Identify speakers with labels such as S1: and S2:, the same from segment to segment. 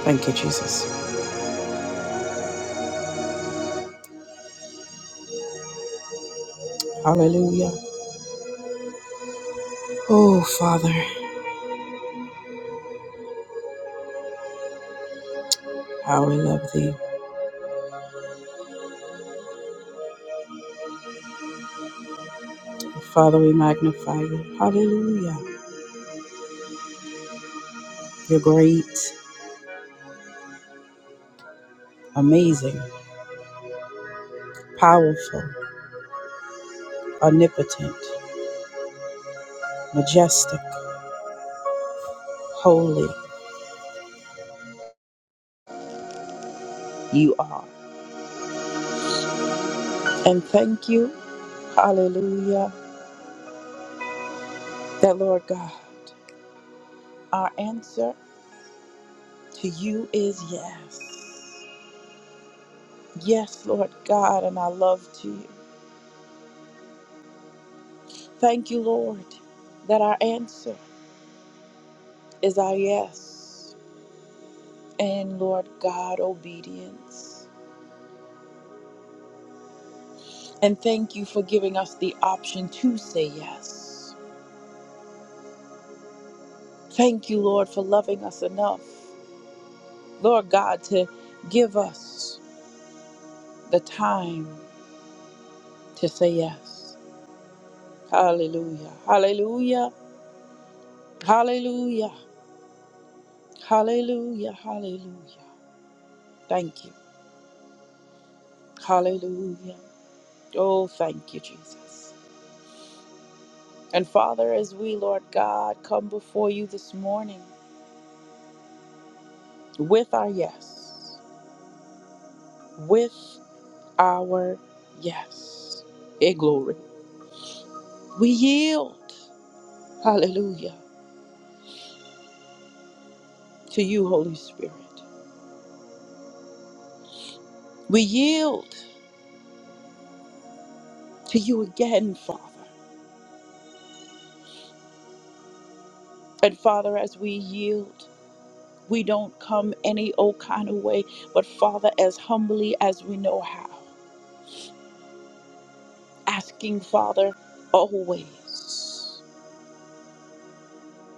S1: Thank you, Jesus. Hallelujah. Oh, Father, how we love thee. Father, we magnify you. Hallelujah. You're great, amazing, powerful, omnipotent, majestic, holy you are. And thank you, hallelujah, that Lord God, our answer to you is yes. Yes, Lord God, and our love to you. Thank you, Lord, that our answer is our yes. and Lord God, obedience. And thank you for giving us the option to say yes. Thank you, Lord, for loving us enough, Lord God, to give us the time to say yes. Hallelujah. Hallelujah. Hallelujah. Hallelujah. Hallelujah. Thank you. Hallelujah. Oh, thank you, Jesus. And Father, as we, Lord God, come before you this morning with our yes, with our yes. Hey, glory. We yield, hallelujah, to you, Holy Spirit. We yield to you again, Father. And Father, as we yield, we don't come any old kind of way, but Father, as humbly as we know how, asking, Father, always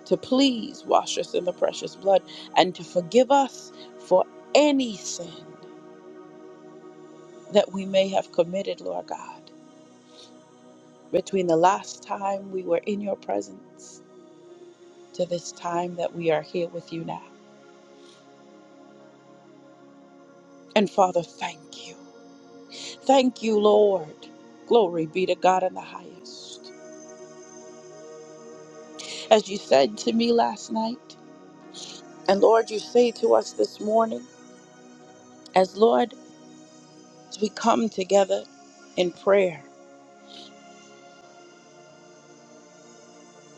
S1: to please wash us in the precious blood and to forgive us for any sin that we may have committed, Lord God. between the last time we were in your presence to this time that we are here with you now. And Father, thank you. Thank you, Lord. Glory be to God in the highest. As you said to me last night, and Lord, you say to us this morning, as Lord, as we come together in prayer,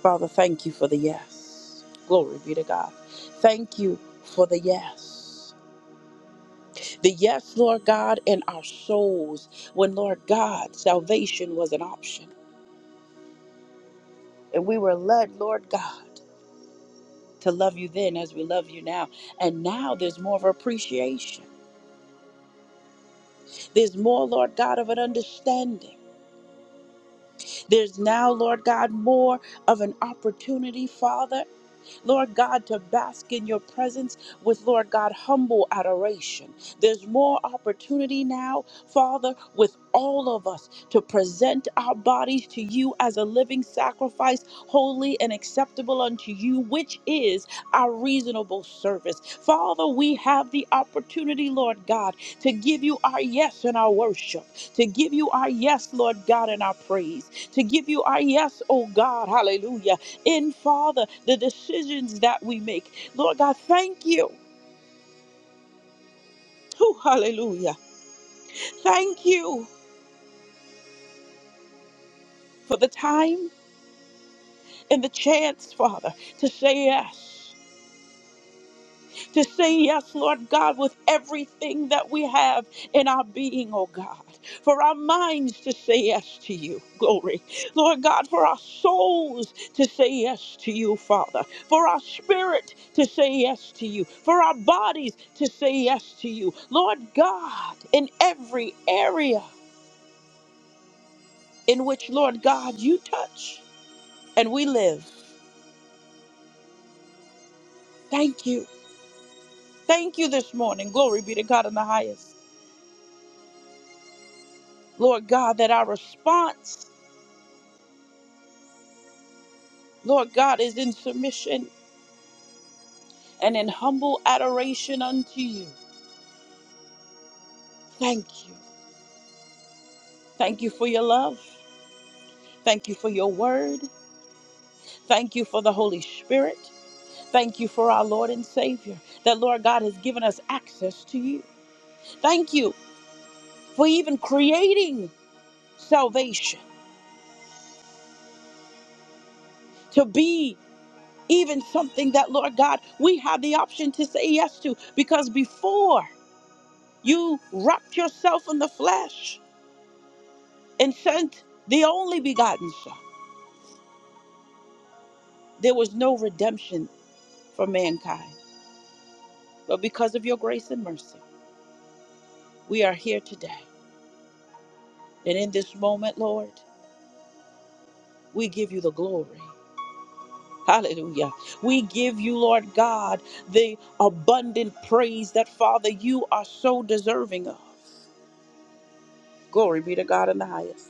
S1: Father, thank you for the yes. Glory be to God. Thank you for the yes. The yes, Lord God, in our souls, when, Lord God, salvation was an option. And we were led, Lord God, to love you then as we love you now. And now there's more of appreciation. There's more, Lord God, of an understanding. There's now, Lord God, more of an opportunity, Father. Lord God, to bask in your presence with, Lord God, humble adoration. There's more opportunity now, Father, with all of us to present our bodies to you as a living sacrifice, holy and acceptable unto you, which is our reasonable service. Father, we have the opportunity, Lord God, to give you our yes and our worship, to give you our yes, Lord God, and our praise, to give you our yes, oh God, hallelujah in, Father, the decisions that we make. Lord God, thank you. Whew, hallelujah. Thank you for the time and the chance, Father, to say yes. to say yes, Lord God, with everything that we have in our being, oh God. For our minds to say yes to you, glory. Lord God, for our souls to say yes to you, Father. For our spirit to say yes to you. For our bodies to say yes to you. Lord God, in every area in which, Lord God, you touch and we live. Thank you. Thank you this morning. Glory be to God in the highest. Lord God, that our response Lord God, is in submission and in humble adoration unto you. Thank you. Thank you for your love. Thank you for your word. Thank you for the Holy Spirit. Thank you for our Lord and Savior, that Lord God has given us access to you. Thank you for even creating salvation to be even something that, Lord God, we have the option to say yes to because before you wrapped yourself in the flesh and sent the only begotten Son. There was no redemption for mankind. But because of your grace and mercy, we are here today. And in this moment, Lord, we give you the glory. Hallelujah. We give you, Lord God, the abundant praise that, Father, you are so deserving of. Glory be to God in the highest.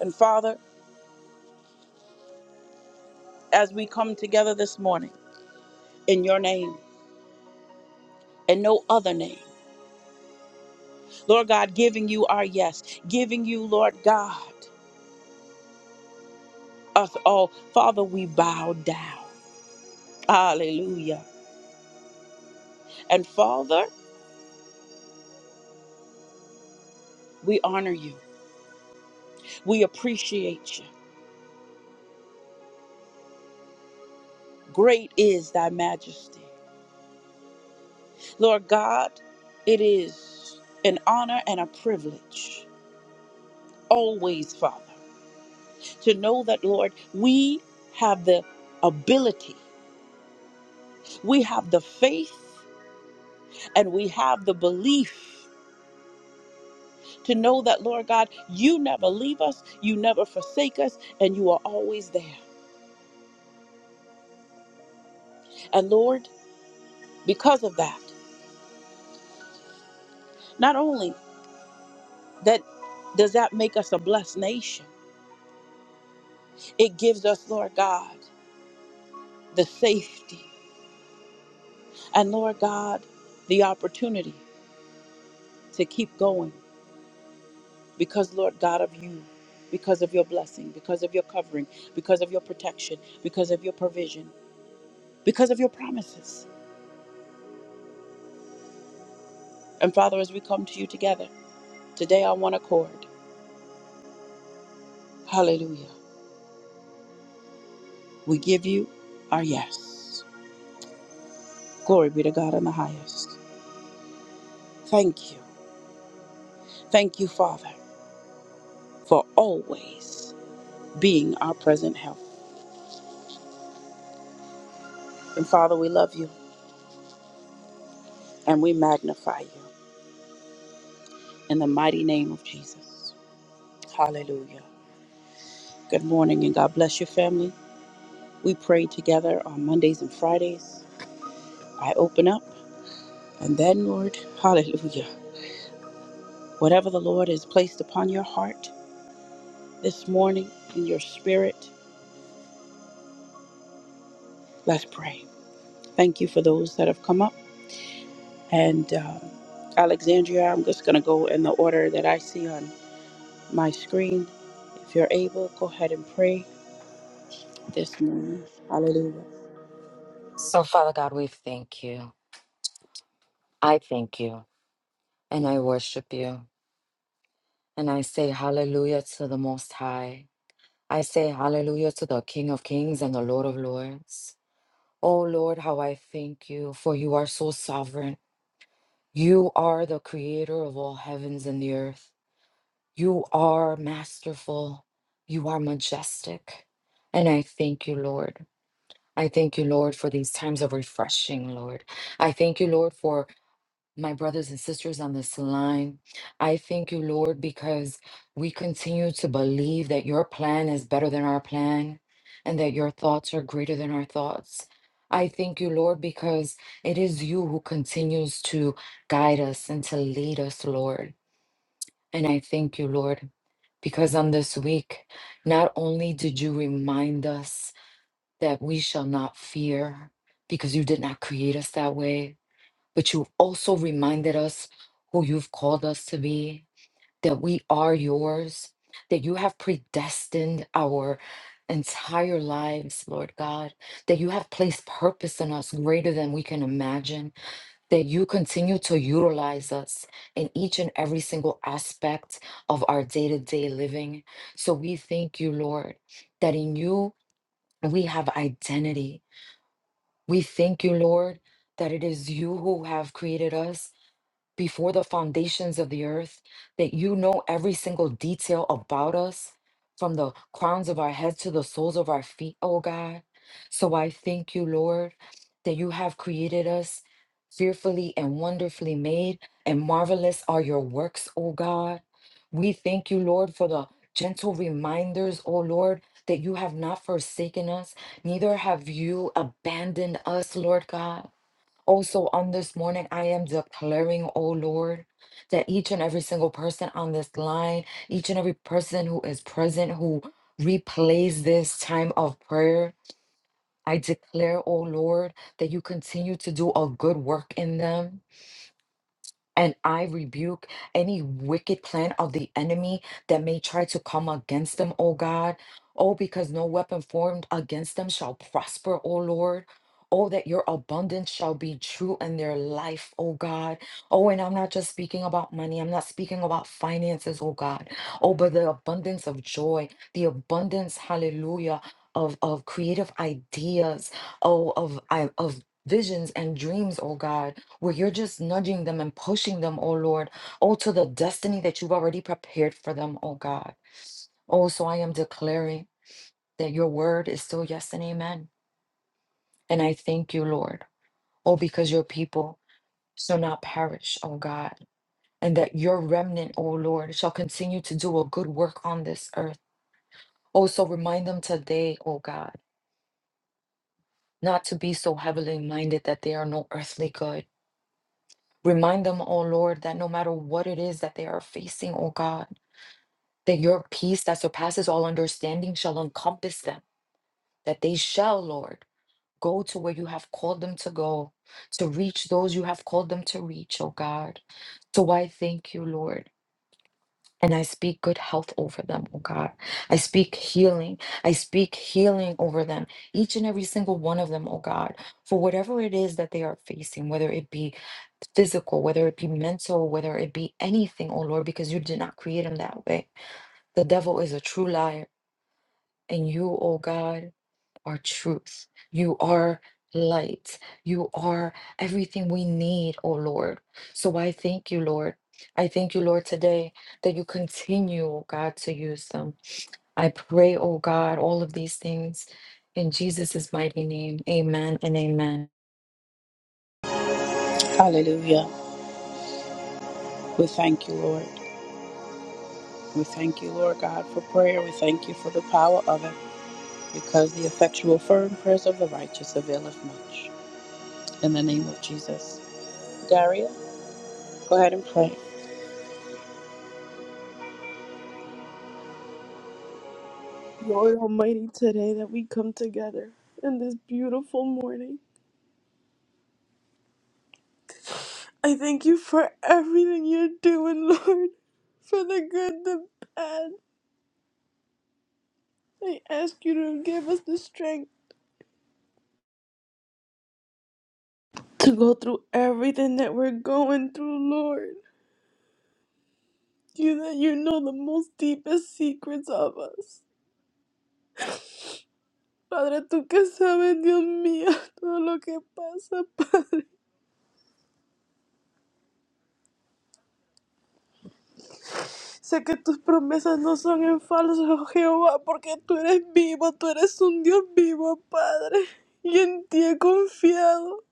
S1: And Father, as we come together this morning in your name and no other name, Lord God, giving you our yes, giving you, Lord God, us all, Father, we bow down. Hallelujah. And Father, we honor you. We appreciate you. Great is thy majesty. Lord God, it is an honor and a privilege always, Father, to know that, Lord, we have the ability, we have the faith, and we have the belief to know that, Lord God, you never leave us, you never forsake us, and you are always there. And Lord, because of that, not only That does that make us a blessed nation? It gives us, Lord God, the safety and Lord God, the opportunity to keep going because, Lord God, of you, because of your blessing, because of your covering, because of your protection, because of your provision, because of your promises. And Father, as we come to you together today on one accord, hallelujah, we give you our yes. Glory be to God in the highest. Thank you. Thank you, Father, for always. being our present help. And Father, we love you and we magnify you in the mighty name of Jesus. Hallelujah. Good morning and God bless your family. We pray together on Mondays and Fridays. I open up and then, Lord, hallelujah. Whatever the Lord has placed upon your heart this morning in your spirit, let's pray. Thank you for those that have come up. And um, Alexandria, I'm just going to go in the order that I see on my screen. If you're able, go ahead and pray this morning. Hallelujah.
S2: So, Father God, we thank you. I thank you and I worship you. And I say hallelujah to the Most High. I say hallelujah to the King of Kings and the Lord of Lords. Oh Lord, how I thank you, for you are so sovereign. You are the creator of all heavens and the earth. You are masterful. You are majestic. And I thank you, Lord. I thank you, Lord, for these times of refreshing, Lord. I thank you, Lord, for my brothers and sisters on this line. I thank you, Lord, because we continue to believe that your plan is better than our plan and that your thoughts are greater than our thoughts. I thank you, Lord, because it is you who continues to guide us and to lead us, Lord. And I thank you, Lord, because on this week, not only did you remind us that we shall not fear because you did not create us that way, but you also reminded us who you've called us to be, that we are yours, that you have predestined our entire lives, Lord God, that you have placed purpose in us greater than we can imagine, that you continue to utilize us in each and every single aspect of our day to day living. So we thank you, Lord, that in you we have identity. We thank you, Lord, that it is you who have created us before the foundations of the earth, that you know every single detail about us from the crowns of our heads to the soles of our feet, oh God. So I thank you, Lord, that you have created us fearfully and wonderfully made, and marvelous are your works, oh God. We thank you, Lord, for the gentle reminders, oh Lord. That you have not forsaken us, neither have you abandoned us, Lord God. Also, on this morning, I am declaring, oh Lord, that each and every single person on this line, each and every person who is present, who replays this time of prayer, I declare, oh Lord, that you continue to do a good work in them and I rebuke any wicked plan of the enemy that may try to come against them, O God. Oh, because no weapon formed against them shall prosper, O Lord. Oh, that your abundance shall be true in their life, O God. Oh, and I'm not just speaking about money. I'm not speaking about finances, O God. Oh, but the abundance of joy, the abundance, hallelujah, of, of creative ideas, oh, of, I- of visions and dreams, O God where you're just nudging them and pushing them, oh Lord, oh, to the destiny that you've already prepared for them, oh God. Oh, so I am declaring that your word is still yes and amen. And I thank you, Lord, oh, because your people shall not perish, oh God, and that your remnant, oh Lord, shall continue to do a good work on this earth. Oh, so remind them today, oh God, not to be so heavily minded that they are no earthly good. Remind them, oh Lord, that no matter what it is that they are facing, oh God. that your peace that surpasses all understanding shall encompass them, that they shall, Lord, go to where you have called them to go, to reach those you have called them to reach, oh God. So I thank you, Lord. And I speak good health over them, oh God. I speak healing. I speak healing over them, each and every single one of them, oh God, for whatever it is that they are facing, whether it be physical, whether it be mental, whether it be anything, oh Lord, because you did not create them that way. The devil is a true liar. And you, O God, are truth. You are light. You are everything we need, O Lord. So I thank you, Lord. I thank you, Lord, today that you continue, O God, to use them. I pray, O God, all of these things in Jesus' mighty name. Amen and amen.
S1: Hallelujah. We thank you, Lord. We thank you, Lord God, for prayer. We thank you for the power of it because the effectual, firm prayers of the righteous availeth much. In the name of Jesus. Daria, go ahead and pray.
S3: Lord Almighty, today that we come together in this beautiful morning. I thank you for everything you're doing, Lord, for the good, the bad. I ask you to give us the strength to go through everything that we're going through, Lord. You that you know the most deepest secrets of us. Padre, tú que sabes, Dios mío, todo lo que pasa, Sé que tus promesas no son en falso, oh Jehová, porque tú eres vivo, tú eres un Dios vivo, Padre, y en ti he confiado.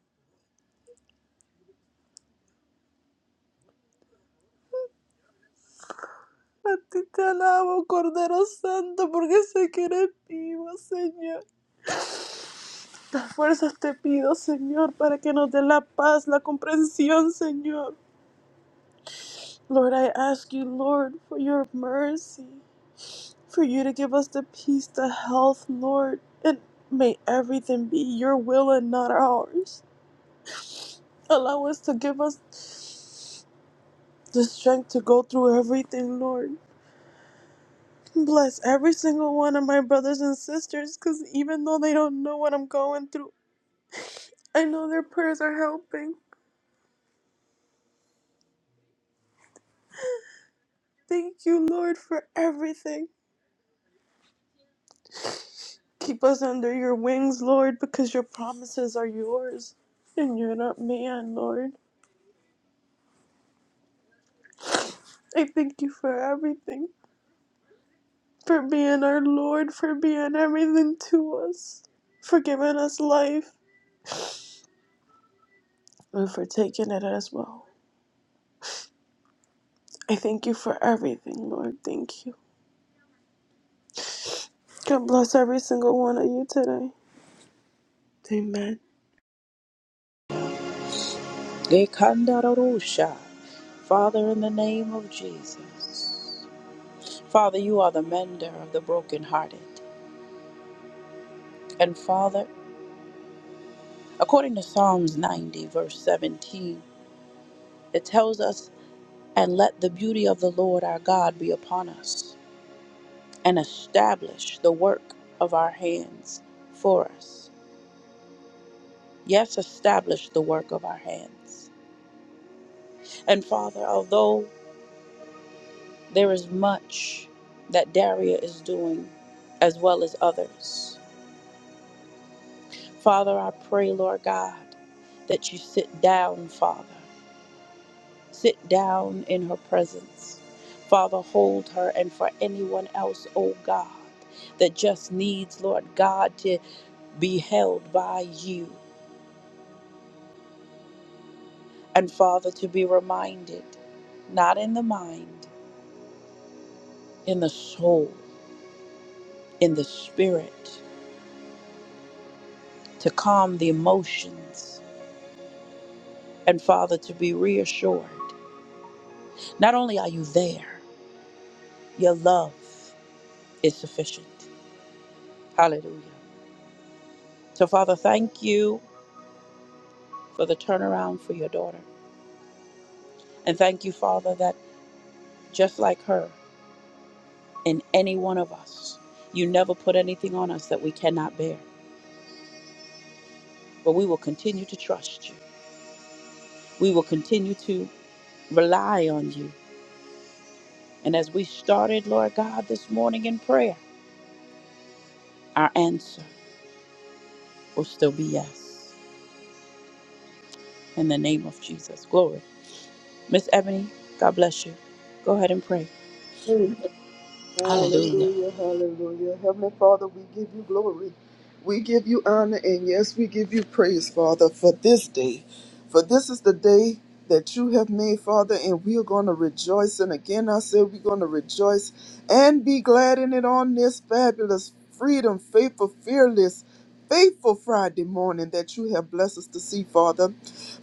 S3: A ti te alabo, Cordero Santo, porque sé que eres vivo, Señor. Las fuerzas te pido, Señor, para que nos dé la paz, la comprensión, Señor. Lord, I ask you, Lord, for your mercy, for you to give us the peace, the health, Lord, and may everything be your will and not ours. Allow us to give us the strength to go through everything, Lord. Bless every single one of my brothers and sisters because even though they don't know what I'm going through, I know their prayers are helping. Thank you, Lord, for everything. Keep us under your wings, Lord, because your promises are yours and you're not man, Lord. I thank you for everything, for being our Lord, for being everything to us, for giving us life, and for taking it as well. I thank you for everything, Lord. Thank you. God bless every single one of you today. Amen.
S1: Ekandarorusha. Father, in the name of Jesus. Father, you are the mender of the brokenhearted. And Father, according to Psalms 90, verse 17, it tells us, And let the beauty of the Lord our God be upon us and establish the work of our hands for us. Yes, establish the work of our hands. And Father, although there is much that Daria is doing as well as others, Father, I pray, Lord God, that you sit down, Father. Sit down in her presence. Father, hold her and for anyone else, oh God, that just needs, Lord God, to be held by you. And Father, to be reminded, not in the mind, in the soul, in the spirit, to calm the emotions. And Father, to be reassured, not only are you there, your love is sufficient. Hallelujah. So, Father, thank you for the turnaround for your daughter. And thank you, Father, that just like her and any one of us, you never put anything on us that we cannot bear. But we will continue to trust you. We will continue to rely on you. And as we started, Lord God, this morning in prayer, our answer will still be yes. In the name of Jesus. Glory. Miss Ebony, God bless you. Go ahead and pray. Hallelujah.
S4: Hallelujah, hallelujah. Heavenly Father, we give you glory. We give you honor, and yes, we give you praise, Father, for this day. For this is the day that you have made, Father, and we are going to rejoice. And again, I said we're going to rejoice and be glad in it on this fabulous, freedom, faithful, fearless, faithful Friday morning that you have blessed us to see, Father.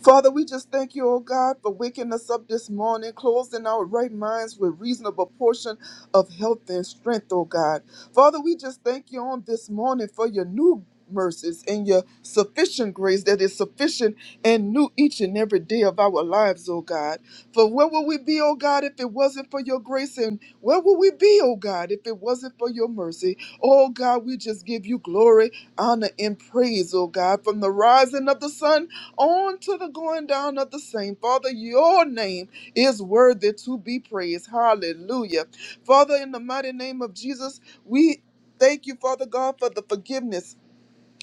S4: Father, we just thank you, oh God, for waking us up this morning, closing our right minds with reasonable portion of health and strength, oh God. Father, we just thank you on this morning for your new mercies and your sufficient grace that is sufficient and new each and every day of our lives, oh God. For where would we be, oh God, if it wasn't for your grace? And where would we be, oh God, if it wasn't for your mercy? Oh God, we just give you glory, honor, and praise, oh God, from the rising of the sun on to the going down of the same. Father, your name is worthy to be praised. Hallelujah. Father, in the mighty name of Jesus, we thank you, Father God, for the forgiveness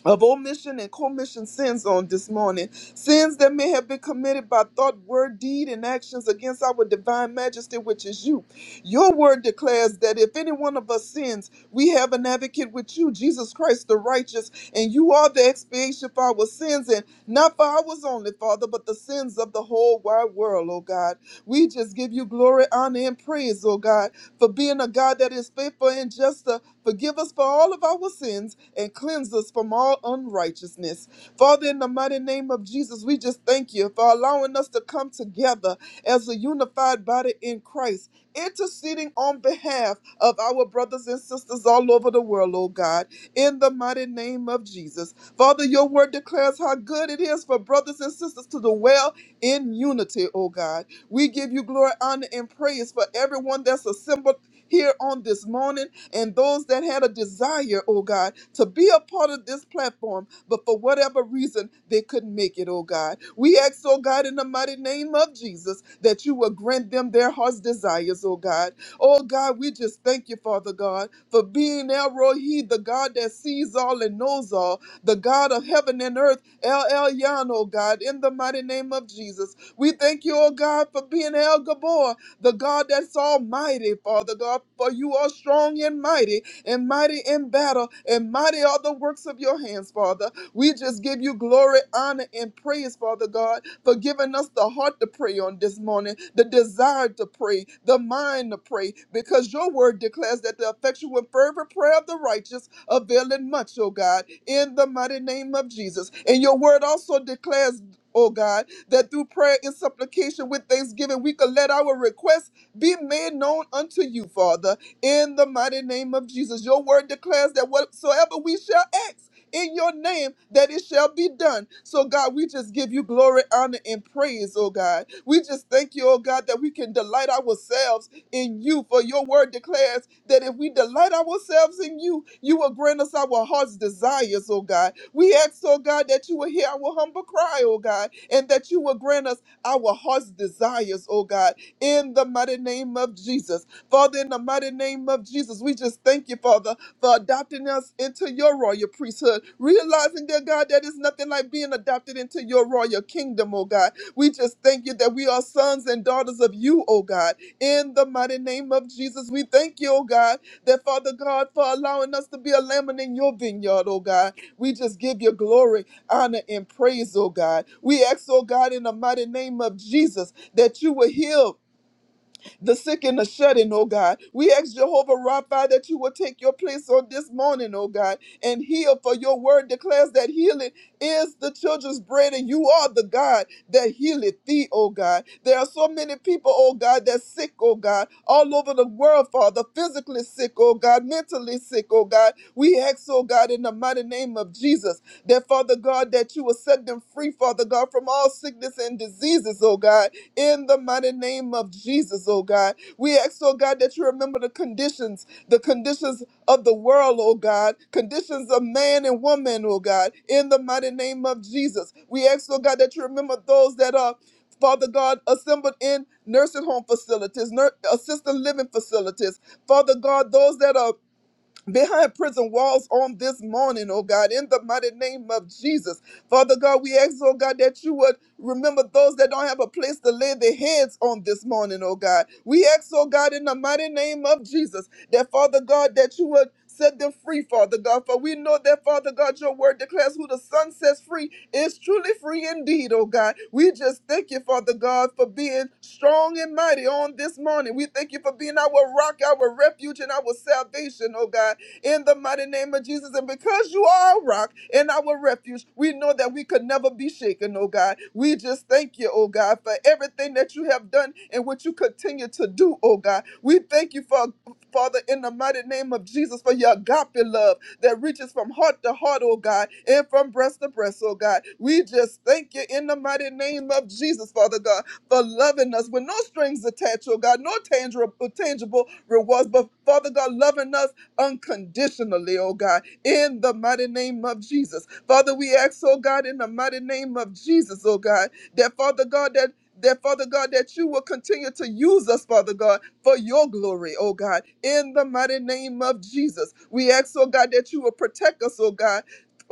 S4: of omission and commission sins on this morning. Sins that may have been committed by thought, word, deed, and actions against our divine majesty, which is you. Your word declares that if any one of us sins, we have an advocate with you, Jesus Christ the righteous, and you are the expiation for our sins, and not for ours only, Father, but the sins of the whole wide world, oh God. We just give you glory, honor, and praise, oh God, for being a God that is faithful and just Forgive us for all of our sins and cleanse us from all unrighteousness. Father, in the mighty name of Jesus, we just thank you for allowing us to come together as a unified body in Christ, interceding on behalf of our brothers and sisters all over the world, oh God, in the mighty name of Jesus. Father, your word declares how good it is for brothers and sisters to dwell in unity, oh God. We give you glory, honor, and praise for everyone that's assembled here on this morning and those that had a desire, oh God, to be a part of this platform, but for whatever reason, they couldn't make it, oh God. We ask, oh God, in the mighty name of Jesus, that you will grant them their heart's desires, oh God. Oh God, we just thank you, Father God, for being El Rohi, the God that sees all and knows all, the God of heaven and earth, El Elyon, oh God, in the mighty name of Jesus. We thank you, oh God, for being El Gabor, the God that's almighty, Father God, for you are strong and mighty, and mighty in battle, and mighty are the works of your hands, Father. We just give you glory, honor, and praise, Father God, for giving us the heart to pray on this morning, the desire to pray, the mind to pray, because your word declares that the effectual and fervent prayer of the righteous availeth much, O God, in the mighty name of Jesus. And your word also declares. O God, that through prayer and supplication with thanksgiving we could let our requests be made known unto you, Father, in the mighty name of Jesus. Your word declares that whatsoever we shall ask in your name, that it shall be done. So, God, we just give you glory, honor, and praise, oh God. We just thank you, oh God, that we can delight ourselves in you. For your word declares that if we delight ourselves in you, you will grant us our heart's desires, oh God. We ask, oh God, that you will hear our humble cry, oh God, and that you will grant us our heart's desires, oh God, in the mighty name of Jesus. Father, in the mighty name of Jesus, we just thank you, Father, for adopting us into your royal priesthood, realizing, dear God, that it's nothing like being adopted into your royal kingdom, oh God. We just thank you that we are sons and daughters of you, oh God in the mighty name of Jesus, we thank you, oh God, that Father God, for allowing us to be a lamb in your vineyard, oh God. We just give you glory, honor, and praise, oh God. We ask, oh God, in the mighty name of Jesus, that you will heal the sick and the shut in, oh God. We ask Jehovah Rapha that you will take your place on this morning, oh God, and heal, for your word declares that healing is the children's bread, and you are the God that healeth thee, oh God. There are so many people, oh God, that's sick, oh God, all over the world, Father, physically sick, oh God, mentally sick, oh God. We ask, oh God, in the mighty name of Jesus, that Father God, that you will set them free, Father God, from all sickness and diseases, oh God in the mighty name of Jesus, oh God. We ask, oh God, that you remember the conditions, the conditions of the world, oh God, conditions of man and woman, oh God, in the mighty name of Jesus. We ask, oh God, that you remember those that are. Father God, assembled in nursing home facilities, nur- assisted living facilities. Father God, those that are behind prison walls on this morning, oh God, in the mighty name of Jesus. Father God, we ask, oh God, that you would remember those that don't have a place to lay their heads on this morning, oh God. We ask, oh God, in the mighty name of Jesus, that Father God, that you would set them free, Father God. For we know that, Father God, your word declares who the Son sets free is truly free indeed, oh God. We just thank you, Father God, for being strong and mighty on this morning. We thank you for being our rock, our refuge, and our salvation, oh God in the mighty name of Jesus. And because you are a rock and our refuge, we know that we could never be shaken, oh God. We just thank you, oh God, for everything that you have done and what you continue to do, oh God. We thank you for Father, in the mighty name of Jesus, for your agape love that reaches from heart to heart, oh God, and from breast to breast, oh God. We just thank you in the mighty name of Jesus, Father God, for loving us with no strings attached, oh God, no tangible, tangible rewards, but Father God, loving us unconditionally, oh God, in the mighty name of Jesus. Father, we ask, oh God, in the mighty name of Jesus, oh God, that Father God, that that Father God, that you will continue to use us, Father God, for your glory, oh God, in the mighty name of Jesus. We ask, oh God, that you will protect us, oh God,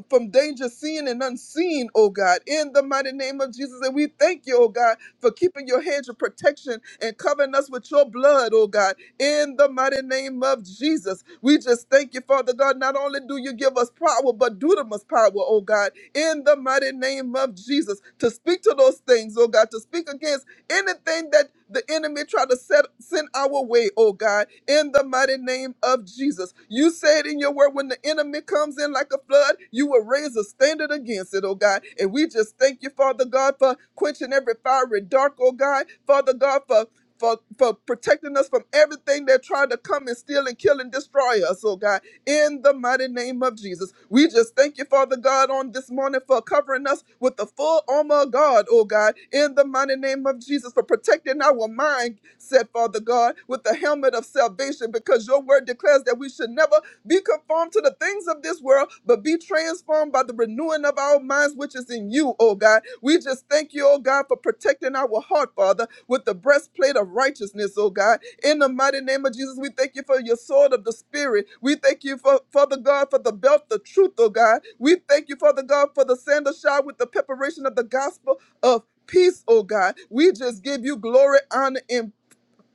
S4: from danger seen and unseen, oh God, in the mighty name of Jesus. And we thank you, oh God, for keeping your hedge of protection and covering us with your blood, oh God, in the mighty name of Jesus. We just thank you, Father God. Not only do you give us power, but dunamis power, oh God, in the mighty name of Jesus, to speak to those things, oh God, to speak against Anything that the enemy tried to set, send our way, oh God, in the mighty name of Jesus. You said in your word, when the enemy comes in like a flood, you will raise a standard against it, oh God. And we just thank you, Father God, for quenching every fiery dark, oh God. Father God, for for, for protecting us from everything that tried to come and steal and kill and destroy us, oh God in the mighty name of Jesus. We just thank you, Father God, on this morning for covering us with the full armor of God, oh God, in the mighty name of Jesus, for protecting our mind, said Father God, with the helmet of salvation, because your word declares that we should never be conformed to the things of this world, but be transformed by the renewing of our minds, which is in you, oh God. We just thank you, oh God, for protecting our heart, Father, with the breastplate of righteousness, oh God in the mighty name of Jesus, we thank you for your sword of the Spirit. We thank you, for, Father God, for the belt, the truth, oh God. We thank you, Father God, for the sandal shod with the preparation of the gospel of peace, oh God. We just give you glory, honor, and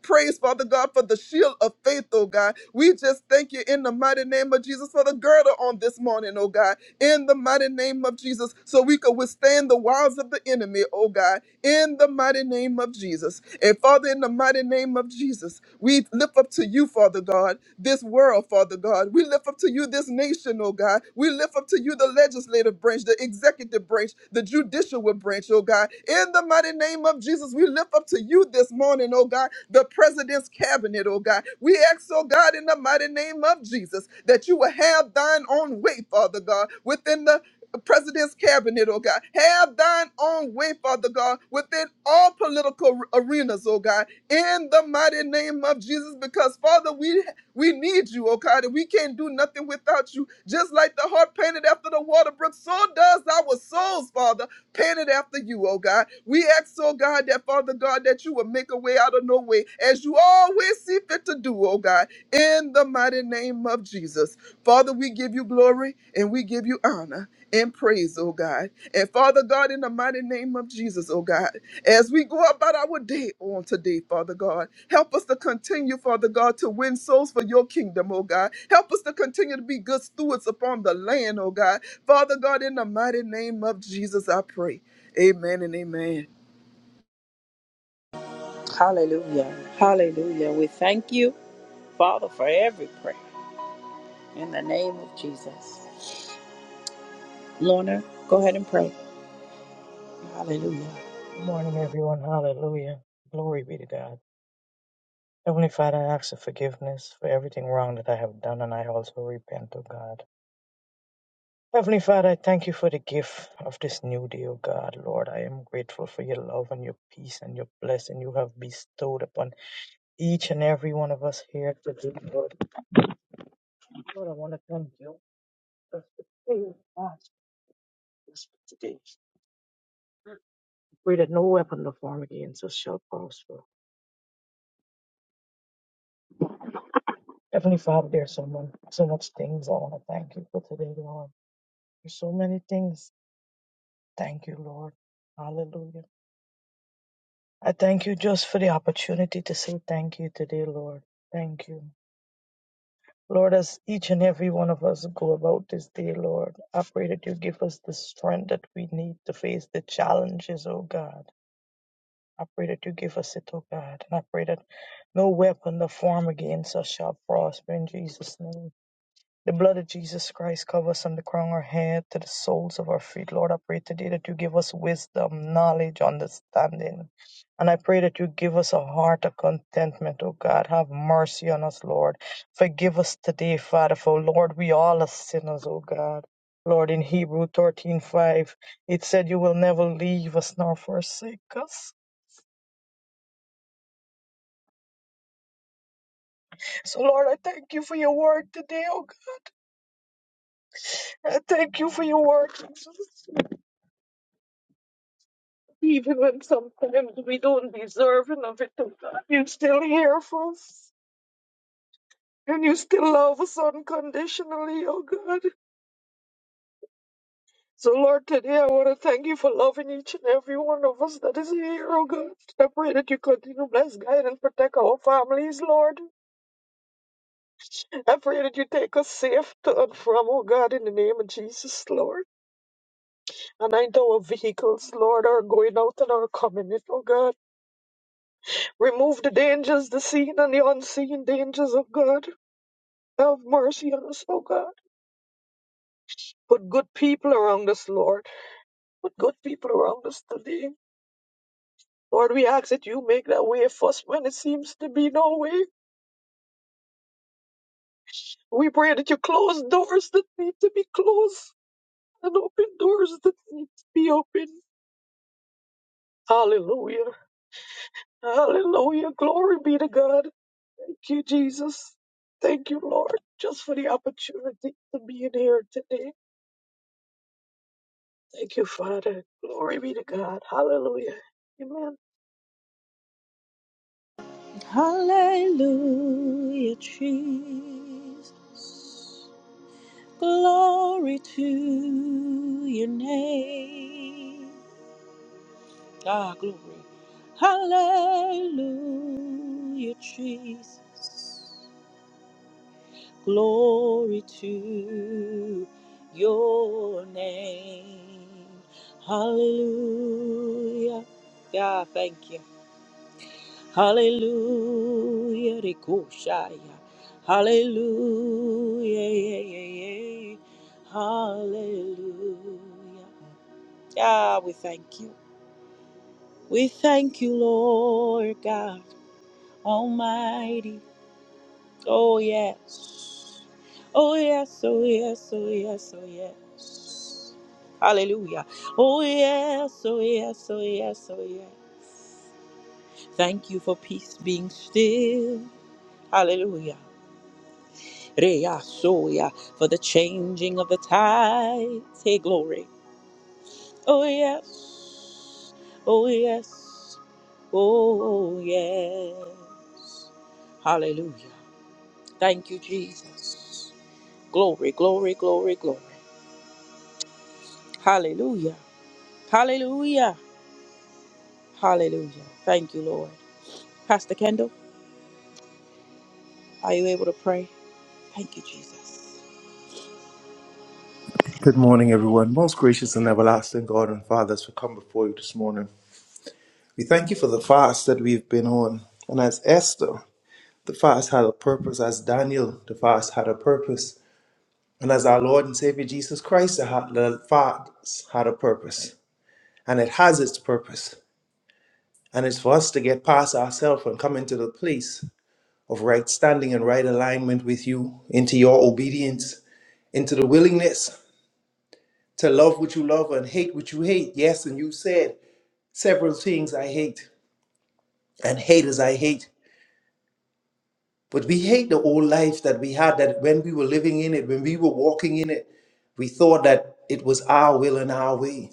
S4: praise, Father God, for the shield of faith, oh God. We just thank you in the mighty name of Jesus for the girdle on this morning, oh God. In the mighty name of Jesus, so we can withstand the wiles of the enemy, oh God in the mighty name of Jesus. And Father, in the mighty name of Jesus, we lift up to you, Father God, this world, Father God. We lift up to you this nation, oh God. We lift up to you the legislative branch, the executive branch, the judicial branch, oh God. In the mighty name of Jesus, we lift up to you this morning, oh God, the president's cabinet, oh God. We ask, oh God, in the mighty name of Jesus, that you will have thine own way, Father God, within the president's cabinet, oh God. Have thine own way, Father God, within all political arenas, oh God, in the mighty name of Jesus, because Father, we we need you, oh God, and we can't do nothing without you. Just like the heart painted after the water brook, so does our souls, Father, painted after you, oh God. We ask, oh God, that Father God, that you will make a way out of no way, as you always see fit to do, oh God, in the mighty name of Jesus. Father, we give you glory and we give you honor and praise, oh God. And Father God, in the mighty name of Jesus, oh God, as we go about our day on today, Father God, help us to continue, Father God, to win souls for your kingdom, oh God. Help us to continue to be good stewards upon the land, oh God. Father God, in the mighty name of Jesus, I pray. Amen and amen.
S1: Hallelujah. Hallelujah. We thank you, Father, for every prayer. In the name of Jesus. Lorna, go ahead and pray. Hallelujah.
S5: Good morning, everyone. Hallelujah. Glory be to God. Heavenly Father, I ask for forgiveness for everything wrong that I have done, and I also repent, O God. Heavenly Father, I thank you for the gift of this new day, O God. Lord, I am grateful for your love and your peace and your blessing you have bestowed upon each and every one of us here today, Lord. Lord, I want to thank you for the favor of God today. Pray that no weapon of form against us shall prosper. Heavenly Father, there's so much, so much things I want to thank you for today, Lord. There's so many things. Thank you, Lord. Hallelujah. I thank you just for the opportunity to say thank you today, Lord. Thank you. Lord, as each and every one of us go about this day, Lord, I pray that you give us the strength that we need to face the challenges, oh God. I pray that you give us it, oh God. And I pray that no weapon that form against us shall prosper in Jesus' name. The blood of Jesus Christ covers from the crown of our head to the soles of our feet. Lord, I pray today that you give us wisdom, knowledge, understanding. And I pray that you give us a heart of contentment, oh God. Have mercy on us, Lord. Forgive us today, Father, for Lord, we all are sinners, oh God. Lord, in Hebrew thirteen five, it said you will never leave us nor forsake us. So, Lord, I thank you for your word today, oh God. I thank you for your word, Jesus. Even when sometimes we don't deserve enough it oh God, you still hear for us. And you still love us unconditionally, oh God. So Lord, today I want to thank you for loving each and every one of us that is here, oh God. I pray that you continue to bless, guide, and protect our families, Lord. I pray that you take us safe to and from, oh God, in the name of Jesus, Lord. Anoint our vehicles, Lord, are going out and are coming in, oh God. Remove the dangers, the seen and the unseen dangers oh God. Have mercy on us, oh God. Put good people around us, Lord. Put good people around us today. Lord, we ask that you make that way for us when it seems to be no way. We pray that you close doors that need to be closed and open doors that need to be open. Hallelujah. Hallelujah. Glory be to God. Thank you, Jesus. Thank you, Lord, just for the opportunity to be in here today. Thank you, Father. Glory be to God. Hallelujah. Amen.
S1: Hallelujah, Jesus. Glory to your name. Ah, glory. Hallelujah, Jesus. Glory to your name. Hallelujah. God, thank you. Hallelujah. Rikushaya. Hallelujah. Yeah, yeah, yeah. Hallelujah. Ah, we thank you. We thank you, Lord God Almighty. Oh, yes. Oh, yes. Oh, yes. Oh, yes. Oh, yes. Hallelujah. Oh, yes. Oh, yes. Oh, yes. Oh, yes. Thank you for peace being still. Hallelujah. Rea soya for the changing of the tides. Hey, glory. Oh, yes. Oh, yes. Oh, yes. Hallelujah. Thank you, Jesus. Glory, glory, glory, glory. Hallelujah. Hallelujah. Hallelujah. Thank you, Lord. Pastor Kendall, are you able to pray? Thank you, Jesus.
S6: Good morning, everyone. Most gracious and everlasting God and Father, as we come before you this morning, we thank you for the fast that we've been on. And as Esther, the fast had a purpose. As Daniel, the fast had a purpose. And as our Lord and Savior Jesus Christ, the ha- the fast had a purpose. And it has its purpose. And it's for us to get past ourselves and come into the place of right standing and right alignment with you, into your obedience, into the willingness to love what you love and hate what you hate. Yes, and you said. several things I hate and haters I hate. But we hate the old life that we had that when we were living in it, when we were walking in it, we thought that it was our will and our way.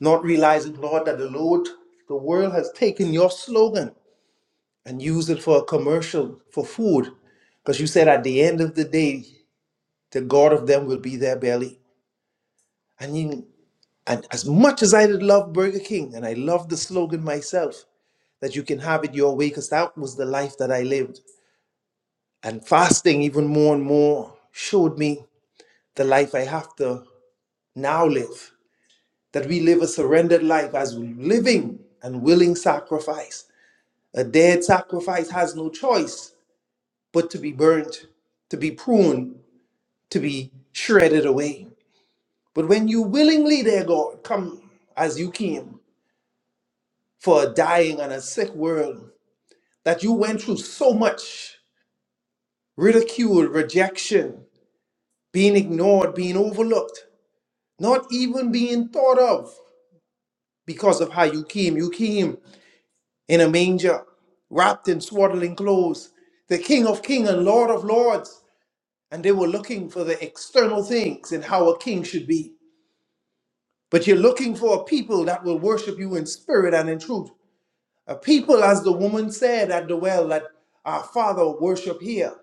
S6: Not realizing, Lord, that the Lord, the world has taken your slogan and used it for a commercial for food. Because you said at the end of the day, the God of them will be their belly. I mean, and as much as I did love Burger King, and I love the slogan myself, that you can have it your way, because that was the life that I lived. And fasting, even more and more, showed me the life I have to now live. That we live a surrendered life as living and willing sacrifice. A dead sacrifice has no choice but to be burnt, to be pruned, to be shredded away. But when you willingly, dear God, come as you came for a dying and a sick world, that you went through so much ridicule, rejection, being ignored, being overlooked, not even being thought of because of how you came. You came in a manger, wrapped in swaddling clothes, the King of Kings and Lord of Lords. And they were looking for the external things and how a king should be. But you're looking for a people that will worship you in spirit and in truth. A people, as the woman said at the well, that our father worship here.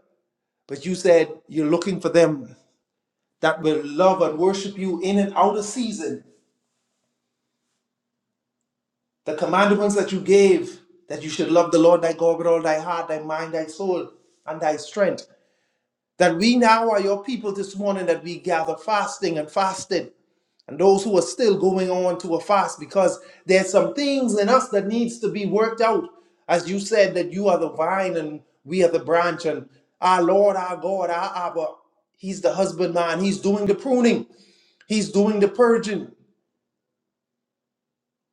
S6: But you said you're looking for them that will love and worship you in and out of season The commandments that you gave, that you should love the Lord thy God with all thy heart, thy mind, thy soul, and thy strength. That we now are your people this morning, that we gather fasting and fasted. And those who are still going on to a fast because there's some things in us that needs to be worked out. As you said, that you are the vine and we are the branch, and our Lord, our God, our Abba, He's the husbandman. He's doing the pruning, He's doing the purging.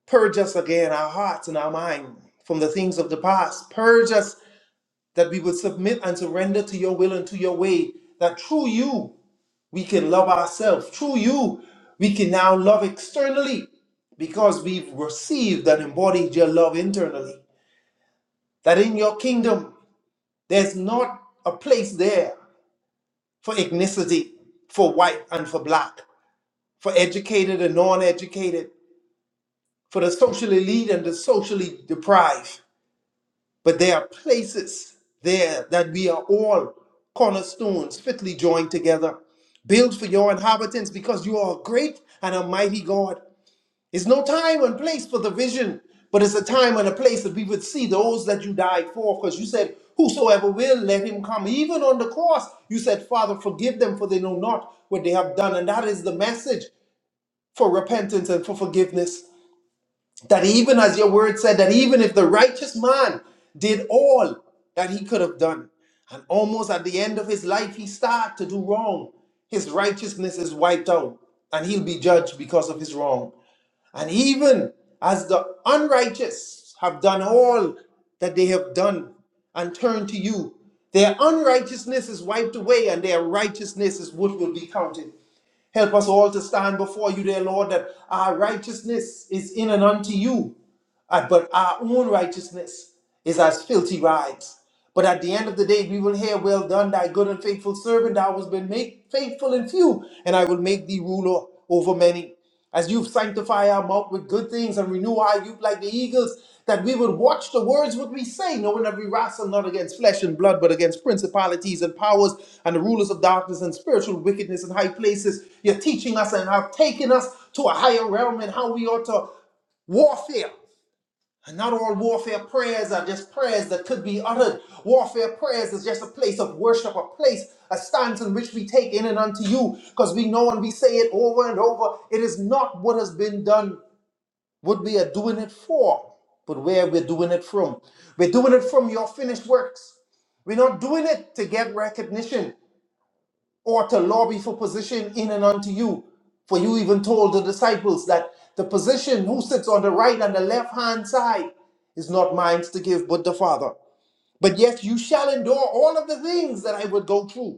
S6: Purge us again, our hearts and our mind, from the things of the past. Purge us that we would submit and surrender to your will and to your way, that through you we can love ourselves. Through you we can now love externally because we've received and embodied your love internally. That in your kingdom there's not a place there for ethnicity, for white and for black, for educated and non educated, for the socially elite and the socially deprived But there are places there that we are all cornerstones fitly joined together, built for your inhabitants because you are a great and a mighty God. It's no time and place for the vision, but it's a time and a place that we would see those that you died for because you said, Whosoever will, let him come. Even on the cross, you said, Father, forgive them for they know not what they have done. And that is the message for repentance and for forgiveness that even as your word said, that even if the righteous man did all that he could have done, and almost at the end of his life he started to do wrong, his righteousness is wiped out, and he'll be judged because of his wrong. And even as the unrighteous have done all that they have done and turned to you, their unrighteousness is wiped away, and their righteousness is what will be counted. Help us all to stand before you, dear Lord, that our righteousness is in and unto you, uh, but our own righteousness is as filthy rags. But at the end of the day, we will hear, Well done, thy good and faithful servant, thou hast been made faithful in few, and I will make thee ruler over many. As you sanctify our mouth with good things and renew our youth like the eagles, that we would watch the words what we say, knowing that we wrestle not against flesh and blood, but against principalities and powers and the rulers of darkness and spiritual wickedness in high places. You're teaching us and have taken us to a higher realm and how we ought to warfare and not all warfare prayers are just prayers that could be uttered. Warfare prayers is just a place of worship, a place, a stance in which we take in and unto you, because we know and we say it over and over. It is not what has been done, what we are doing it for, but where we're doing it from. We're doing it from your finished works. We're not doing it to get recognition or to lobby for position in and unto you. For you even told the disciples that the position who sits on the right and the left hand side is not mine to give, but the Father. But yet you shall endure all of the things that I would go through.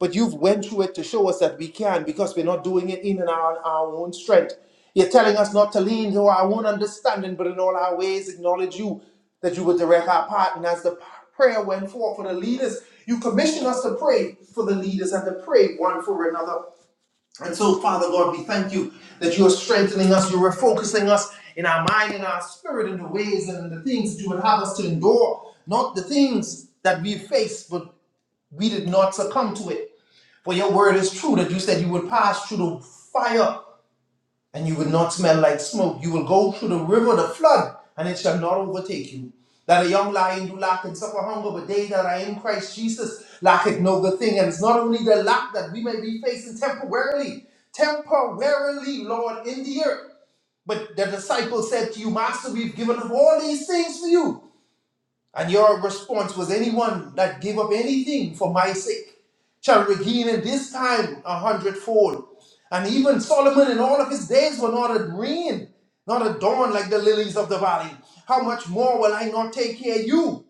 S6: But you've went through it to show us that we can because we're not doing it in and our, our own strength. You're telling us not to lean to our own understanding, but in all our ways acknowledge you, that you would direct our path. And as the p- prayer went forth for the leaders, you commission us to pray for the leaders and to pray one for another. And so, Father God, we thank you that you are strengthening us, you are refocusing us in our mind and our spirit in the ways and the things that you would have us to endure, not the things that we face, but we did not succumb to it. For your word is true that you said you would pass through the fire and you would not smell like smoke. You will go through the river, the flood, and it shall not overtake you. That a young lion do lack and suffer hunger, but they that are in Christ Jesus lacketh no good thing. And it's not only the lack that we may be facing temporarily, temporarily, Lord, in the earth. But the disciples said to you, Master, we've given up all these things for you. And your response was, Anyone that gave up anything for my sake shall regain in this time a hundredfold. And even Solomon in all of his days were not adorned, not adorned like the lilies of the valley. How much more will I not take care of you?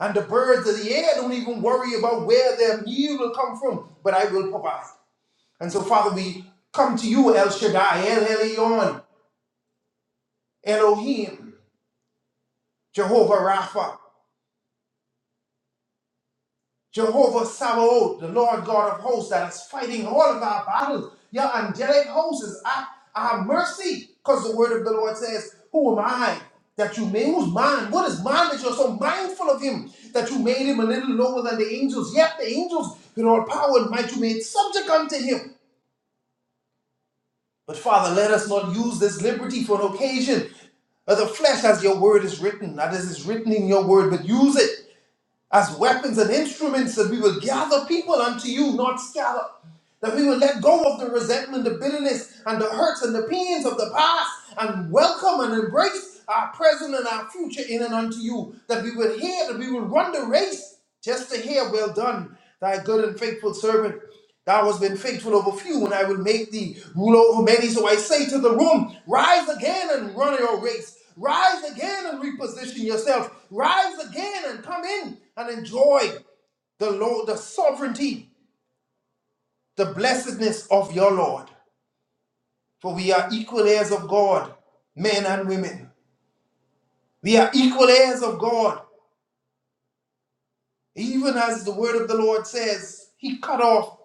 S6: And the birds of the air don't even worry about where their meal will come from, but I will provide. And so, Father, we come to you, El Shaddai, El Elyon, Elohim, Jehovah Rapha. Jehovah Sabaoth, the Lord God of hosts, that is fighting all of our battles. Your angelic hosts is at our mercy. Because the word of the Lord says, Who am I? That you made who's man? What is man that you're so mindful of him? That you made him a little lower than the angels. Yet the angels, with all power and might, you made subject unto him. But Father, let us not use this liberty for an occasion of the flesh as your word is written, not as is written in your word, but use it as weapons and instruments that we will gather people unto you, not scatter. That we will let go of the resentment, the bitterness, and the hurts and the pains of the past and welcome and embrace our present and our future in and unto you. That we will hear, that we will run the race just to hear, Well done, thy good and faithful servant. Thou hast been faithful over few, and I will make thee ruler over many. So I say to the room, Rise again and run your race. Rise again and reposition yourself. Rise again and come in and enjoy the Lord, the sovereignty, the blessedness of your Lord. For we are equal heirs of God, men and women. We are equal heirs of God. Even as the word of the Lord says, He cut off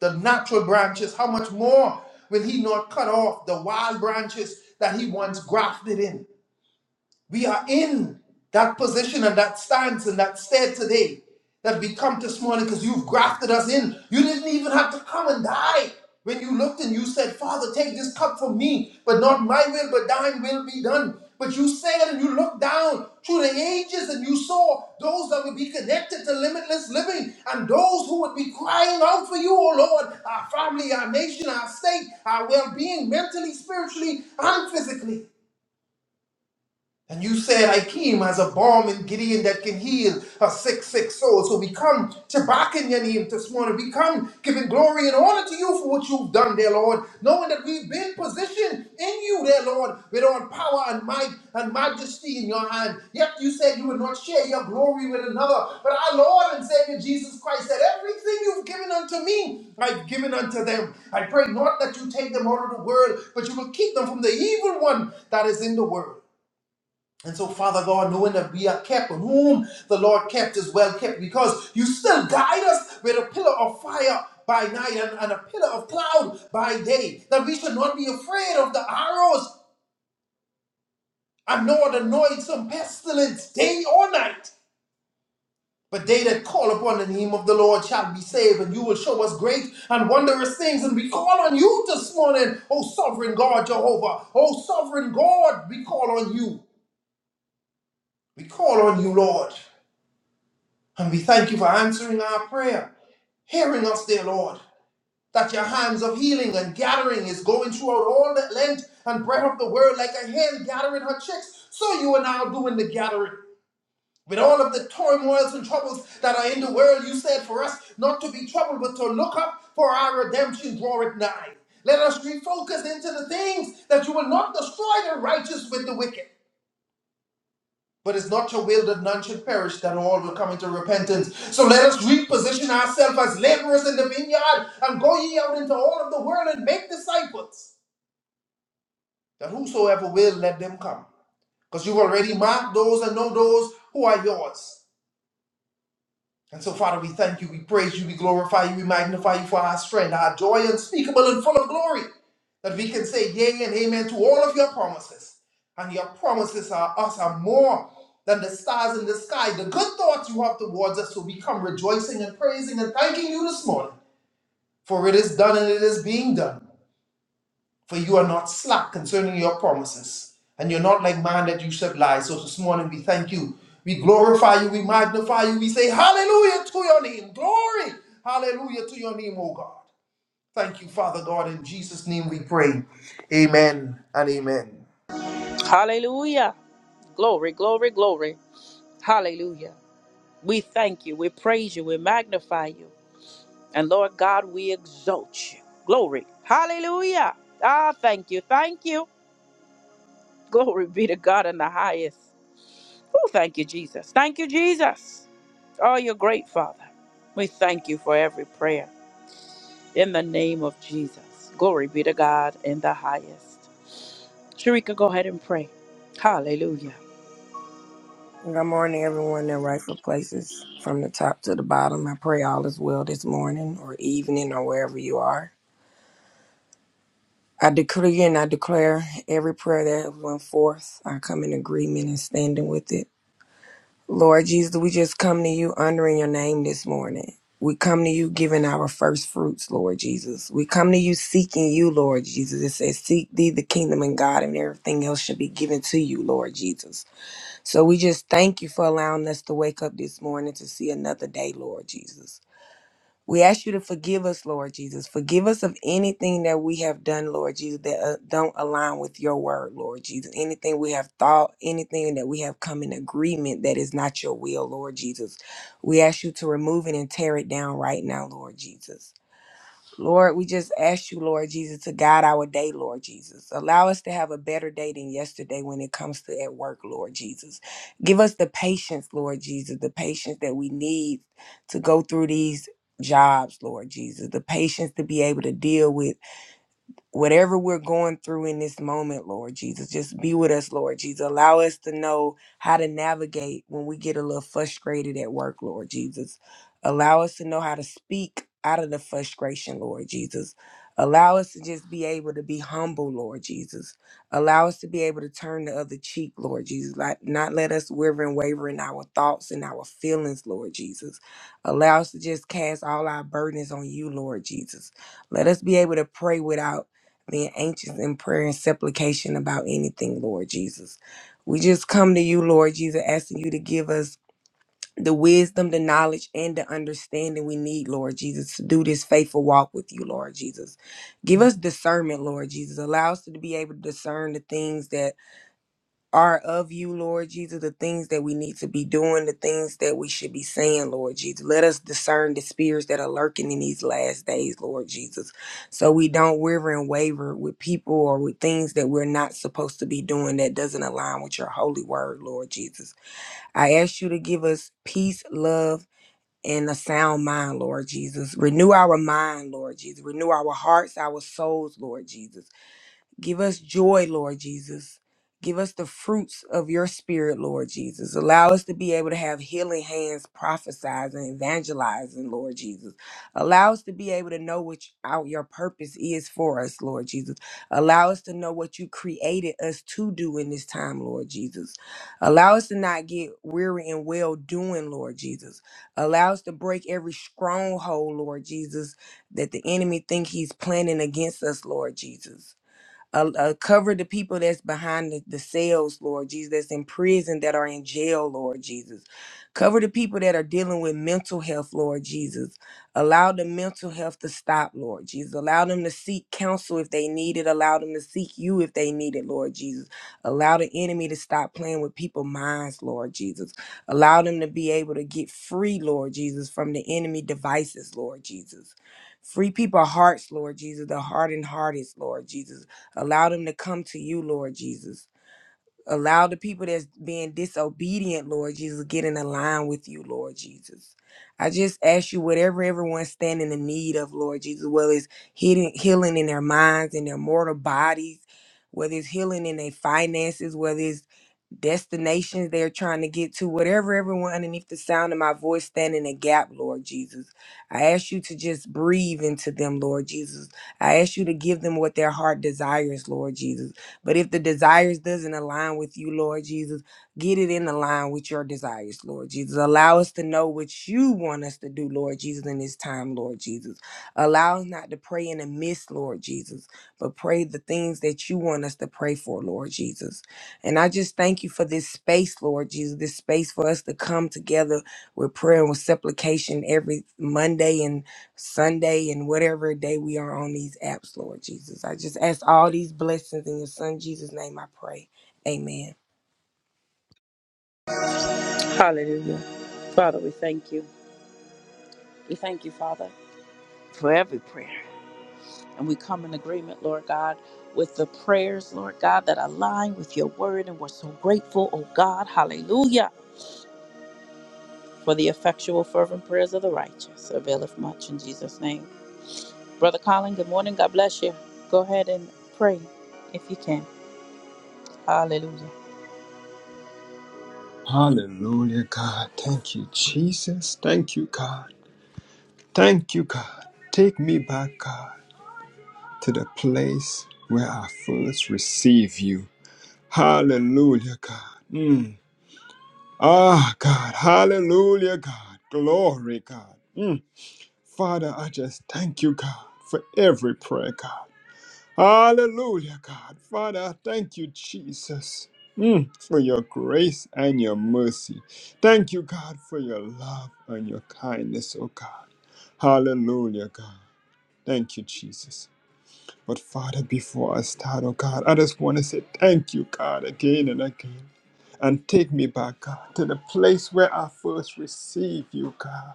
S6: the natural branches. How much more will He not cut off the wild branches that He once grafted in? We are in that position and that stance and that state today that we come this morning because you've grafted us in. You didn't even have to come and die. When you looked and you said, Father, take this cup from me, but not my will, but thine will be done. But you said and you looked down through the ages and you saw those that would be connected to limitless living and those who would be crying out for you, oh Lord, our family, our nation, our state, our well being, mentally, spiritually, and physically. And you said, I came as a balm in Gideon that can heal a sick, sick soul. So we come to back in your name this morning. We come giving glory and honor to you for what you've done, dear Lord, knowing that we've been positioned in you, dear Lord, with all power and might and majesty in your hand. Yet you said you would not share your glory with another. But our Lord and Savior Jesus Christ said, Everything you've given unto me, I've given unto them. I pray not that you take them out of the world, but you will keep them from the evil one that is in the world. And so, Father God, knowing that we are kept, and whom the Lord kept is well kept, because you still guide us with a pillar of fire by night and, and a pillar of cloud by day, that we should not be afraid of the arrows and nor the noisome pestilence day or night. But they that call upon the name of the Lord shall be saved, and you will show us great and wondrous things. And we call on you this morning, O sovereign God Jehovah, O sovereign God, we call on you. We call on you, Lord. And we thank you for answering our prayer, hearing us, dear Lord, that your hands of healing and gathering is going throughout all that length and breadth of the world like a hen gathering her chicks. So you are now doing the gathering. With all of the turmoils and troubles that are in the world, you said for us not to be troubled, but to look up for our redemption draweth nigh. Let us refocus into the things that you will not destroy the righteous with the wicked. But it's not your will that none should perish, that all will come into repentance. So let us reposition ourselves as laborers in the vineyard and go ye out into all of the world and make disciples, that whosoever will, let them come. Because you've already marked those and know those who are yours. And so, Father, we thank you, we praise you, we glorify you, we magnify you for our strength, our joy unspeakable and full of glory, that we can say yea and amen to all of your promises. And your promises are us are more than the stars in the sky. The good thoughts you have towards us, so we come rejoicing and praising and thanking you this morning. For it is done and it is being done for you are not slack concerning your promises, and you're not like man that you should lie. So this morning we thank you. We glorify you, we magnify you, we say hallelujah to your name. Glory, hallelujah to your name, O God. Thank you, Father God. In Jesus' name we pray. Amen and amen.
S1: Hallelujah. Glory, glory, glory. Hallelujah. We thank you. We praise you. We magnify you. And Lord God, we exalt you. Glory. Hallelujah. Ah, thank you. Thank you. Glory be to God in the highest. Oh, thank you, Jesus. Thank you, Jesus. Oh, you're great, Father. We thank you for every prayer in the name of Jesus. Glory be to God in the highest. Sharika, go ahead and pray. Hallelujah.
S7: Good morning, everyone in rightful places, from the top to the bottom. I pray all is well this morning or evening or wherever you are. I decree and I declare every prayer that went forth, I come in agreement and standing with it. Lord Jesus, we just come to you honoring your name this morning. We come to you giving our first fruits, Lord Jesus. We come to you seeking you, Lord Jesus. It says, Seek thee the kingdom and God, and everything else shall be given to you, Lord Jesus. So we just thank you for allowing us to wake up this morning to see another day, Lord Jesus. We ask you to forgive us, Lord Jesus. Forgive us of anything that we have done, Lord Jesus, that uh, don't align with your word, Lord Jesus. Anything we have thought, anything that we have come in agreement that is not your will, Lord Jesus. We ask you to remove it and tear it down right now, Lord Jesus. Lord, we just ask you, Lord Jesus, to guide our day, Lord Jesus. Allow us to have a better day than yesterday when it comes to at work, Lord Jesus. Give us the patience, Lord Jesus, the patience that we need to go through these jobs, Lord Jesus, the patience to be able to deal with whatever we're going through in this moment, Lord Jesus, just be with us, Lord Jesus. Allow us to know how to navigate when we get a little frustrated at work, Lord Jesus. Allow us to know how to speak out of the frustration, Lord Jesus. Allow us to just be able to be humble, Lord Jesus. Allow us to be able to turn the other cheek, Lord Jesus. Like not let us waver and waver in our thoughts and our feelings, Lord Jesus. Allow us to just cast all our burdens on you, Lord Jesus. Let us be able to pray without being anxious in prayer and supplication about anything, Lord Jesus. We just come to you, Lord Jesus, asking you to give us the wisdom, the knowledge, and the understanding we need, Lord Jesus, to do this faithful walk with you, Lord Jesus. Give us discernment, Lord Jesus. Allow us to be able to discern the things that are of you, Lord Jesus, the things that we need to be doing, the things that we should be saying, Lord Jesus. Let us discern the spirits that are lurking in these last days, Lord Jesus, so we don't waver and waver with people or with things that we're not supposed to be doing that doesn't align with your holy word, Lord Jesus. I ask you to give us peace, love, and a sound mind, Lord Jesus. Renew our mind, Lord Jesus. Renew our hearts, our souls, Lord Jesus. Give us joy, Lord Jesus. Give us the fruits of your spirit, Lord Jesus. Allow us to be able to have healing hands, prophesizing, evangelizing, Lord Jesus. Allow us to be able to know what out your purpose is for us, Lord Jesus. Allow us to know what you created us to do in this time, Lord Jesus. Allow us to not get weary and well doing, Lord Jesus. Allow us to break every stronghold, Lord Jesus, that the enemy think he's planning against us, Lord Jesus. Uh, uh, cover the people that's behind the, the cells, Lord Jesus, that's in prison, that are in jail, Lord Jesus. Cover the people that are dealing with mental health, Lord Jesus. Allow the mental health to stop, Lord Jesus. Allow them to seek counsel if they need it. Allow them to seek you if they need it, Lord Jesus. Allow the enemy to stop playing with people's minds, Lord Jesus. Allow them to be able to get free, Lord Jesus, from the enemy devices, Lord Jesus. Free people hearts, Lord Jesus, the hardened hearted, Lord Jesus Allow them to come to you, Lord Jesus. Allow the people that's being disobedient, Lord Jesus, get in line with you, Lord Jesus. I just ask you whatever everyone's standing in need of, Lord Jesus, whether it's healing, healing in their minds, in their mortal bodies, whether it's healing in their finances, whether it's destinations they're trying to get to, whatever everyone underneath the sound of my voice stand in a gap, Lord Jesus. I ask you to just breathe into them, Lord Jesus. I ask you to give them what their heart desires, Lord Jesus. But if the desires doesn't align with you, Lord Jesus, get it in line with your desires, Lord Jesus. Allow us to know what you want us to do, Lord Jesus, in this time, Lord Jesus. Allow us not to pray in the midst, Lord Jesus, but pray the things that you want us to pray for, Lord Jesus. And I just thank you for this space, Lord Jesus, this space for us to come together with prayer and with supplication every Monday and Sunday and whatever day we are on these apps, Lord Jesus. I just ask all these blessings in your son Jesus' name I pray. Amen.
S1: Hallelujah. Father, we thank you. We thank you, Father, for every prayer. And we come in agreement, Lord God, with the prayers, Lord God, that align with your word. And we're so grateful, oh God. Hallelujah. For the effectual, fervent prayers of the righteous availeth much in Jesus' name. Brother Colin, good morning. God bless you. Go ahead and pray if you can. Hallelujah.
S8: Hallelujah, God. Thank you, Jesus. Thank you, God. Thank you, God. Take me back, God, to the place where I first received you. Hallelujah, God. Mm. Ah, God. Hallelujah, God. Glory, God. Mm. Father, I just thank you, God, for every prayer, God. Hallelujah, God. Father, I thank you, Jesus, mm, for your grace and your mercy. Thank you, God, for your love and your kindness, oh God. Hallelujah, God. Thank you, Jesus. But Father, before I start, oh God, I just want to say thank you, God, again and again. And take me back, God, to the place where I first received you, God.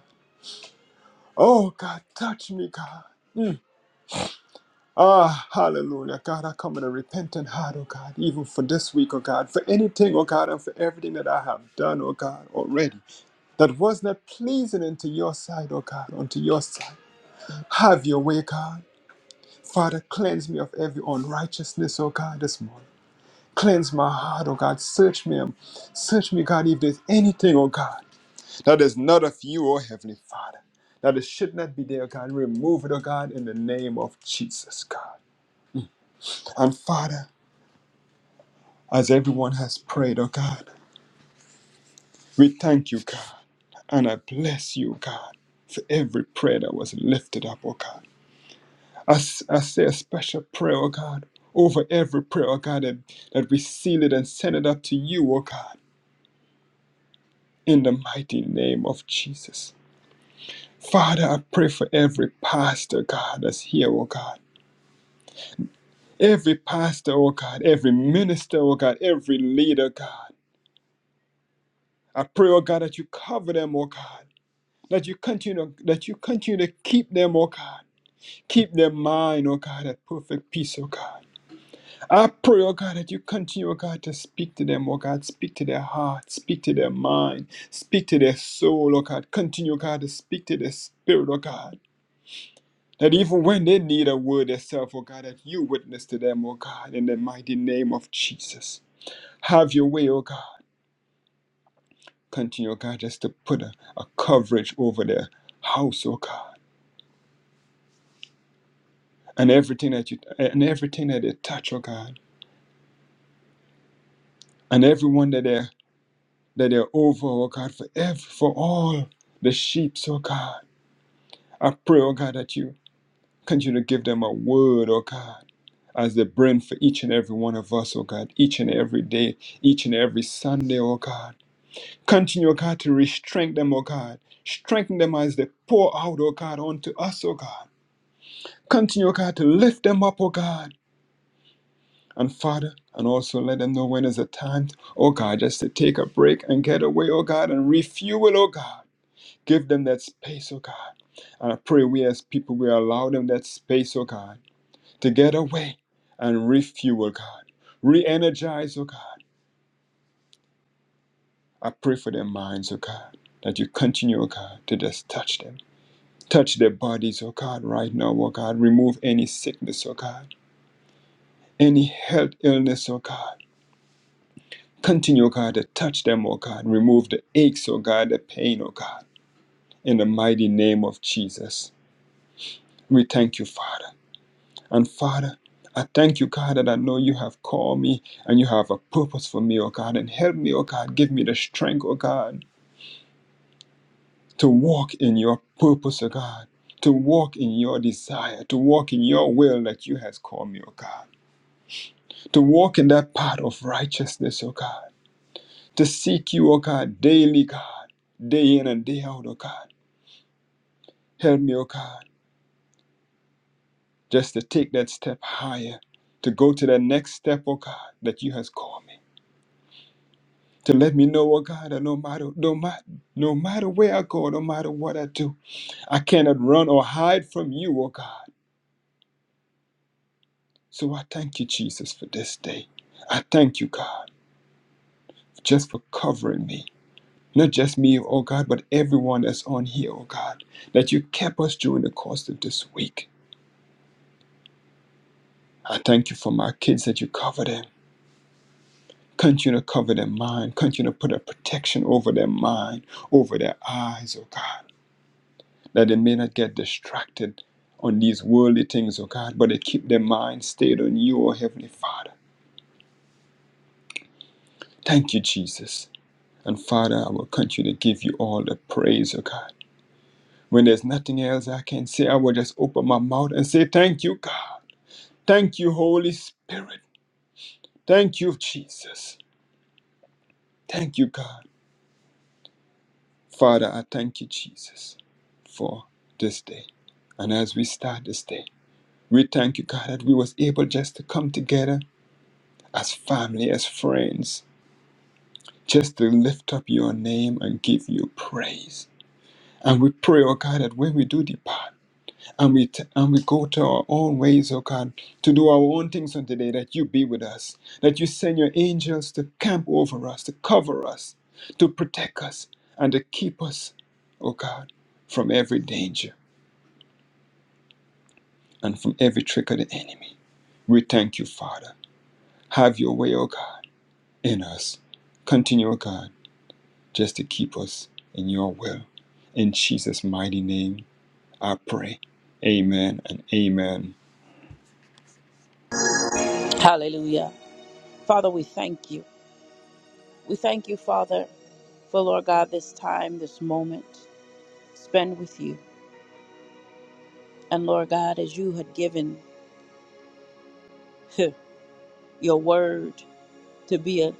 S8: Oh, God, touch me, God. Mm. Ah, hallelujah. God, I come with a repentant heart, oh God, even for this week, oh God, for anything, oh God, and for everything that I have done, oh God, already, that was not pleasing unto your sight, oh God, unto your sight. Have your way, God. Father, cleanse me of every unrighteousness, oh God, this morning. Cleanse my heart, oh God. Search me, um, search me, God, if there's anything, oh God, that is not of you, oh Heavenly Father, that it should not be there, oh God. Remove it, oh God, in the name of Jesus, God. And Father, As everyone has prayed, oh God, we thank you, God, and I bless you, God, for every prayer that was lifted up, oh God. I, s- I say a special prayer, oh God, over every prayer, oh God, that, that we seal it and send it up to you, oh God, in the mighty name of Jesus. Father, I pray for every pastor, God, that's here, oh God. Every pastor, oh God, every minister, oh God, every leader, God. I pray, oh God, that you cover them, oh God. that you continue that you continue to keep them, oh God. Keep their mind, oh God, at perfect peace, oh God. I pray, oh God, that you continue, oh God, to speak to them, oh God. Speak to their heart, speak to their mind, speak to their soul, oh God. Continue, oh God, to speak to their spirit, oh God. That even when they need a word itself, oh God, that you witness to them, oh God, in the mighty name of Jesus. Have your way, oh God. Continue, oh God, just to put a, a coverage over their house, oh God and everything that you and everything that they touch, oh God, and everyone that they that they're over, oh God, for every for all the sheep, oh God. I pray, oh God, that you continue to give them a word, oh God, as the bring for each and every one of us, oh God, each and every day, each and every Sunday, oh God. Continue, oh God, to restrain them, oh God. Strengthen them as they pour out, oh God, onto us, oh God. Continue, oh God, to lift them up, oh God And Father, and also let them know when is the time, oh God, just to take a break and get away, oh God, and refuel, oh God. Give them that space, oh God. And I pray we as people, we allow them that space, oh God, to get away and refuel, God. Re energize, oh God. I pray for their minds, oh God, that you continue, oh God, to just touch them. Touch their bodies, oh God, right now, oh God. Remove any sickness, oh God. Any health illness, oh God. Continue, oh God, to touch them, oh God. Remove the aches, oh God, the pain, oh God. In the mighty name of Jesus, we thank you, Father. And Father, I thank you, God, that I know you have called me and you have a purpose for me, oh God. And help me, oh God. Give me the strength, oh God, to walk in your purpose, oh God. To walk in your desire, to walk in your will that you has called me, oh God. To walk in that path of righteousness, oh God. To seek you, oh God, daily, God day in and day out, oh God. Help me, oh God, just to take that step higher, to go to that next step, oh God, that you has called me. To let me know, oh God, that no matter no matter no matter where I go, no matter what I do, I cannot run or hide from you, oh God. So I thank you, Jesus, for this day. I thank you, God, just for covering me. Not just me, oh God, but everyone that's on here, oh God, that you kept us during the course of this week. I thank you for my kids that you covered them. Continue to cover their mind. Continue to put a protection over their mind, over their eyes, oh God, that they may not get distracted on these worldly things, oh God, but they keep their mind stayed on you, oh Heavenly Father. Thank you, Jesus. And Father, I will continue to give you all the praise, oh God. When there's nothing else I can say, I will just open my mouth and say, Thank you, God. Thank you, Holy Spirit. Thank you, Jesus. Thank you, God. Father, I thank you, Jesus, for this day. And as we start this day, we thank you, God, that we was able just to come together as family, as friends, just to lift up your name and give you praise. And we pray, oh God, that when we do depart, And we, t- and we go to our own ways, oh God, to do our own things on today, that you be with us, that you send your angels to camp over us, to cover us, to protect us, and to keep us, oh God, from every danger and from every trick of the enemy. We thank you, Father. Have your way, O God, in us. Continue, O God, just to keep us in your will. In Jesus' mighty name, I pray. Amen and amen.
S1: Hallelujah. Father, we thank you. We thank you, Father, for Lord God, this time, this moment spend with you. And Lord God, as you had given your word to be a,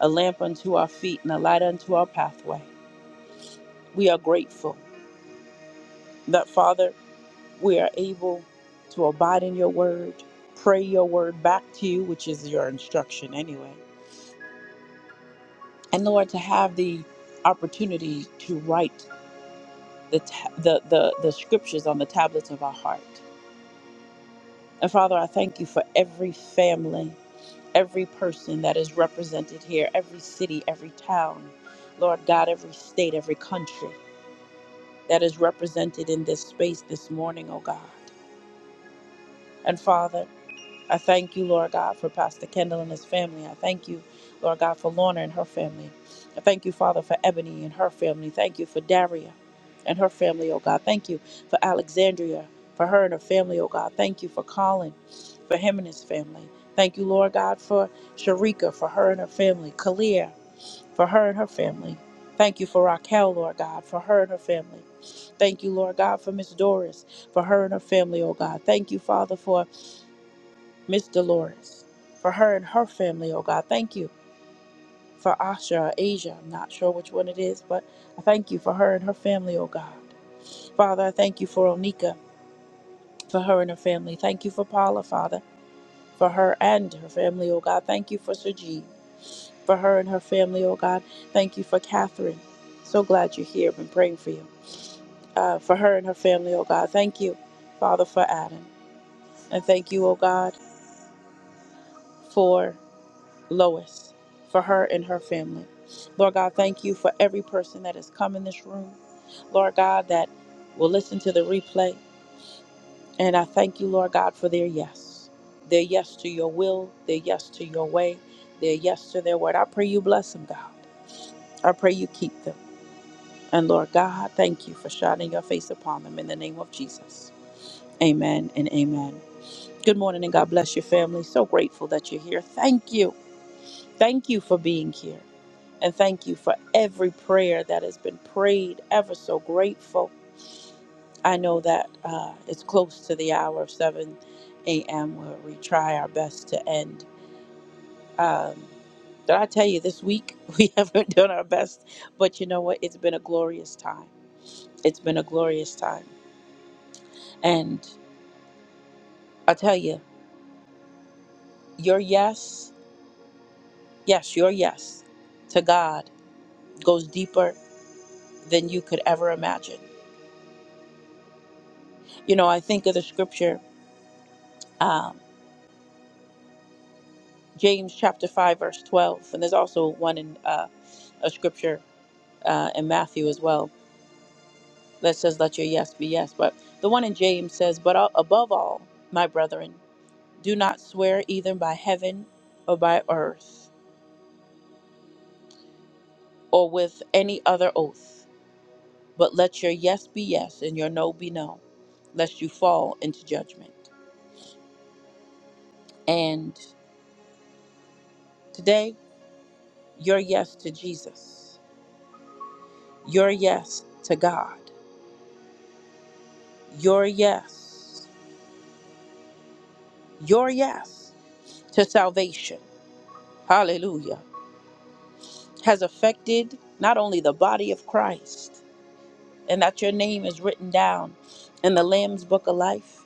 S1: a lamp unto our feet and a light unto our pathway, we are grateful that, Father, we are able to abide in your word, pray your word back to you, which is your instruction anyway and Lord, to have the opportunity to write the, ta- the the the scriptures on the tablets of our heart. And Father, I thank you for every family, every person that is represented here, every city, every town, Lord God, every state, every country that is represented in this space this morning, oh God. And Father. I thank you, Lord God, for Pastor Kendall and his family. I thank you, Lord God, for Lorna and her family. I thank you, Father, for Ebony and her family. Thank you for Daria and her family, oh God. Thank you for Alexandria, for her and her family, oh God. Thank you for Colin, for him and his family. Thank you, Lord God, for Sharika, for her and her family. Kalia, for her and her family. Thank you for Raquel, Lord God, for her and her family. Thank you, Lord God, for Miss Doris, for her and her family, oh God. Thank you, Father, for Miss Dolores, for her and her family, oh God. Thank you for Asha or Asia. I'm not sure which one it is, but I thank you for her and her family, oh God. Father, I thank you for Onika, for her and her family. Thank you for Paula, Father, for her and her family, oh God. Thank you for Sergine, for her and her family, oh God. Thank you for Catherine. So glad you're here. I've been praying for you. Uh, for her and her family, oh God. Thank you, Father, for Adam. And thank you, oh God, for Lois, for her and her family. Lord God, thank you for every person that has come in this room. Lord God, that will listen to the replay. And I thank you, Lord God, for their yes. Their yes to your will, their yes to your way, their yes to their word. I pray you bless them, God. I pray you keep them. And Lord God, thank you for shining your face upon them in the name of Jesus. Amen and amen. Good morning and God bless your family. So grateful that you're here. Thank you. Thank you for being here. And thank you for every prayer that has been prayed. Ever so grateful. I know that uh, it's close to the hour of 7 a.m. where we try our best to end. Um, did I tell you this week we haven't done our best? But you know what? It's been a glorious time. It's been a glorious time. And I tell you, your yes, yes, your yes to God goes deeper than you could ever imagine. You know, I think of the scripture. um, James chapter 5, verse 12. And there's also one in uh, a scripture uh, in Matthew as well that says, Let your yes be yes. But the one in James says, But a- above all, my brethren, do not swear either by heaven or by earth or with any other oath, but let your yes be yes and your no be no, lest you fall into judgment. And today, your yes to Jesus, your yes to God, your yes, your yes. to salvation, hallelujah, has affected not only the body of Christ, and that your name is written down in the Lamb's Book of Life.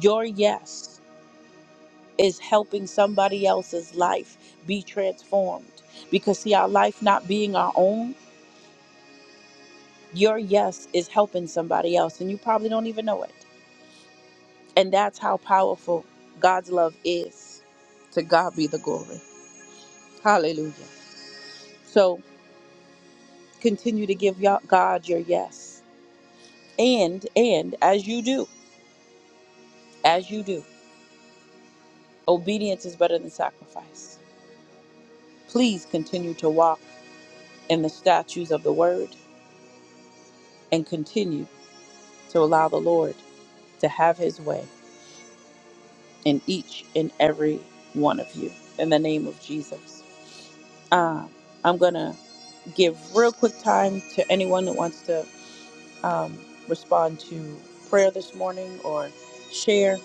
S1: Your yes is helping somebody else's life be transformed. Because, see, our life not being our own, your yes is helping somebody else, and you probably don't even know it. And that's how powerful God's love is. To God be the glory. Hallelujah. So continue to give y'all- God your yes and and as you do as you do obedience is better than sacrifice please continue to walk in the statutes of the word and continue to allow the lord to have his way in each and every one of you in the name of jesus um, i'm gonna give real quick time to anyone that wants to um, respond to prayer this morning or share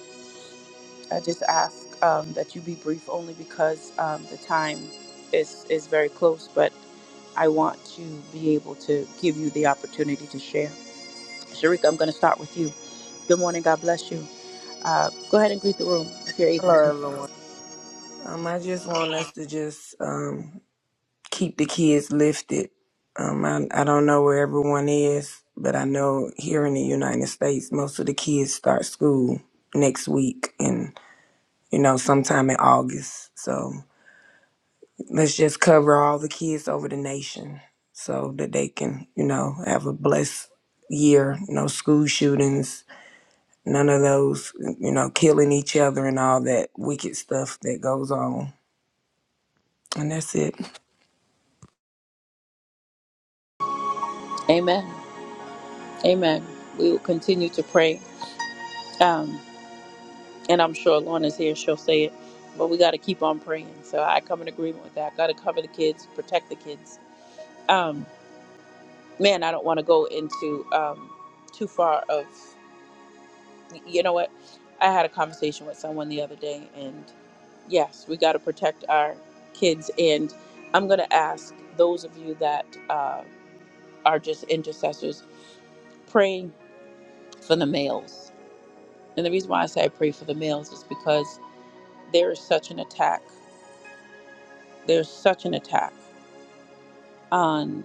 S1: I just ask um, that you be brief only because um, the time is, is very close, but I want to be able to give you the opportunity to share. Sharika, I'm going to start with you. Good morning. God bless you. Uh, go ahead and greet the room if you're able to.
S7: Lord, Lord. Um, I just want us to just um keep the kids lifted. Um, I, I don't know where everyone is, but I know here in the United States, most of the kids start school next week and, you know, sometime in August. So let's just cover all the kids over the nation so that they can, you know, have a blessed year. No school shootings, none of those, you know, killing each other and all that wicked stuff that goes on. And that's it.
S1: Amen. Amen. We will continue to pray. Um, and I'm sure Lorna's here. She'll say it. But we got to keep on praying. So I come in agreement with that. Got to cover the kids, protect the kids. Um, man, I don't want to go into um, too far of, you know what? I had a conversation with someone the other day, and yes, we got to protect our kids. And I'm going to ask those of you that uh, are just intercessors, praying for the males. And the reason why I say I pray for the males is because there is such an attack. There's such an attack on